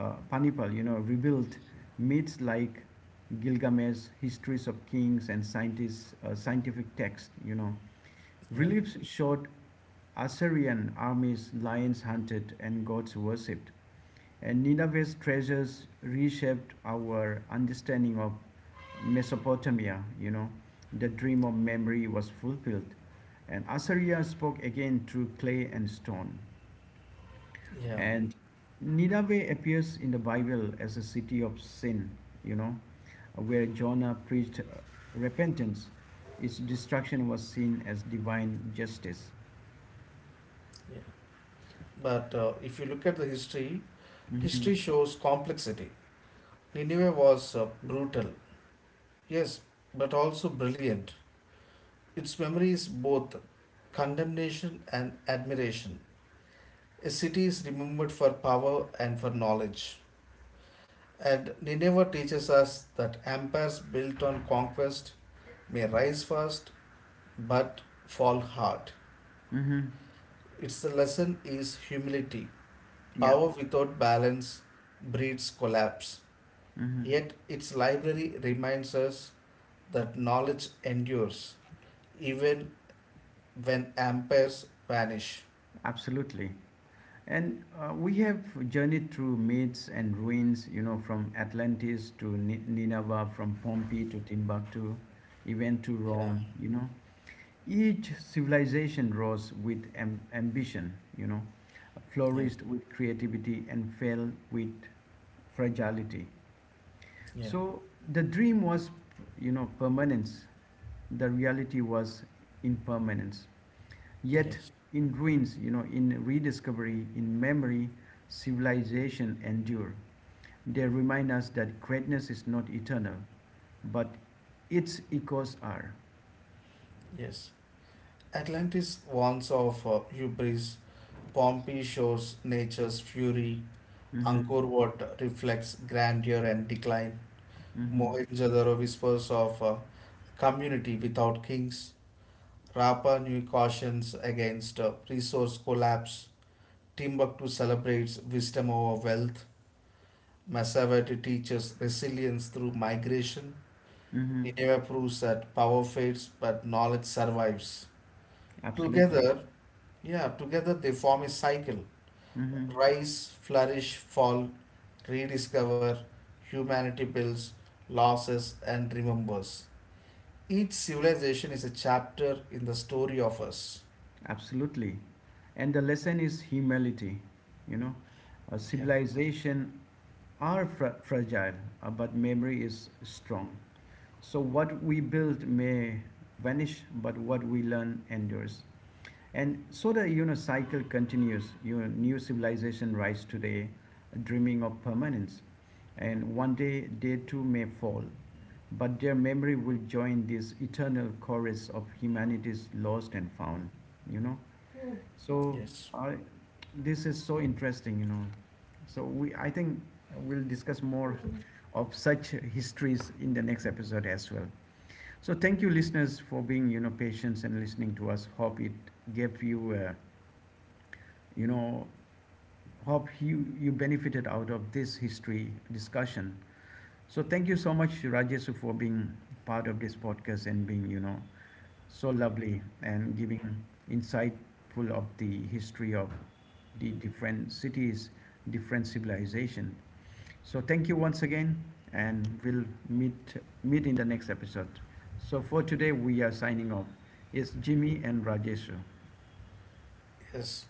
[SPEAKER 1] Panipal, rebuilt myths like Gilgamesh, histories of kings and scientists, scientific texts, you know.
[SPEAKER 2] Yeah.
[SPEAKER 1] Reliefs showed Assyrian armies, lions hunted, and gods worshipped. And Nineveh's treasures reshaped our understanding of Mesopotamia, you know. The dream of memory was fulfilled. And Assyria spoke again through clay and stone.
[SPEAKER 2] Yeah.
[SPEAKER 1] And Nineveh appears in the Bible as a city of sin, you know, where Jonah preached repentance. Its destruction was seen as divine justice.
[SPEAKER 2] Yeah. But if you look at the history,
[SPEAKER 1] Hmm.
[SPEAKER 2] history shows complexity. Nineveh was brutal, yes, but also brilliant. Its memory is both condemnation and admiration. A city is remembered for power and for knowledge. And Nineveh teaches us that empires built on conquest may rise fast but fall hard.
[SPEAKER 1] Hmm.
[SPEAKER 2] Its lesson is humility.
[SPEAKER 1] Yeah,
[SPEAKER 2] Power without balance breeds collapse. Yet its library reminds us that knowledge endures even when empires vanish.
[SPEAKER 1] absolutely. And we have journeyed through myths and ruins, from Atlantis to Nineveh, from Pompeii to Timbuktu, even to
[SPEAKER 2] Yeah,
[SPEAKER 1] Rome, you know. Each civilization rose with ambition,
[SPEAKER 2] yeah,
[SPEAKER 1] flourished with creativity and fell with fragility.
[SPEAKER 2] yeah,
[SPEAKER 1] So the dream was, permanence. The reality was impermanence. Yet
[SPEAKER 2] yes,
[SPEAKER 1] in ruins, in rediscovery, in memory, civilization endure. They remind us that greatness is not eternal, but its echoes are.
[SPEAKER 2] yes. Atlantis warns of hubris, Pompeii shows nature's fury,
[SPEAKER 1] Mm-hmm.
[SPEAKER 2] Angkor Wat reflects grandeur and decline.
[SPEAKER 1] Mm-hmm.
[SPEAKER 2] Mohenjo-daro whispers of community without kings. Rapa Nui cautions against resource collapse. Timbuktu celebrates wisdom over wealth. Massavati teaches resilience through migration.
[SPEAKER 1] Mm-hmm.
[SPEAKER 2] Nineveh proves that power fades but knowledge survives.
[SPEAKER 1] Absolutely.
[SPEAKER 2] Together, yeah, Together they form a cycle.
[SPEAKER 1] Mm-hmm.
[SPEAKER 2] Rise, flourish, fall, rediscover, humanity builds, losses, and remembers. Each civilization is a chapter in the story of us.
[SPEAKER 1] Absolutely. And the lesson is humility. You know, a
[SPEAKER 2] Yeah.
[SPEAKER 1] civilization are fragile, but memory is strong. So what we build may vanish, but what we learn endures. And so the cycle continues. Your new civilization rise today, dreaming of permanence, and one day they too may fall, but their memory will join this eternal chorus of humanity's lost and found. You know. So
[SPEAKER 2] Yes.
[SPEAKER 1] I, this is so interesting, you know. So I think we'll discuss more of such histories in the next episode as well. So thank you, listeners, for being, patient and listening to us. Hope it gave you, you know, hope you benefited out of this history discussion. So thank you so much, Rajesh, for being part of this podcast and being, so lovely and giving insightful of the history of the different cities, different civilization. So thank you once again, and we'll meet in the next episode. So for today, we are signing off. It's Jimmy and Rajesh.
[SPEAKER 2] Yes.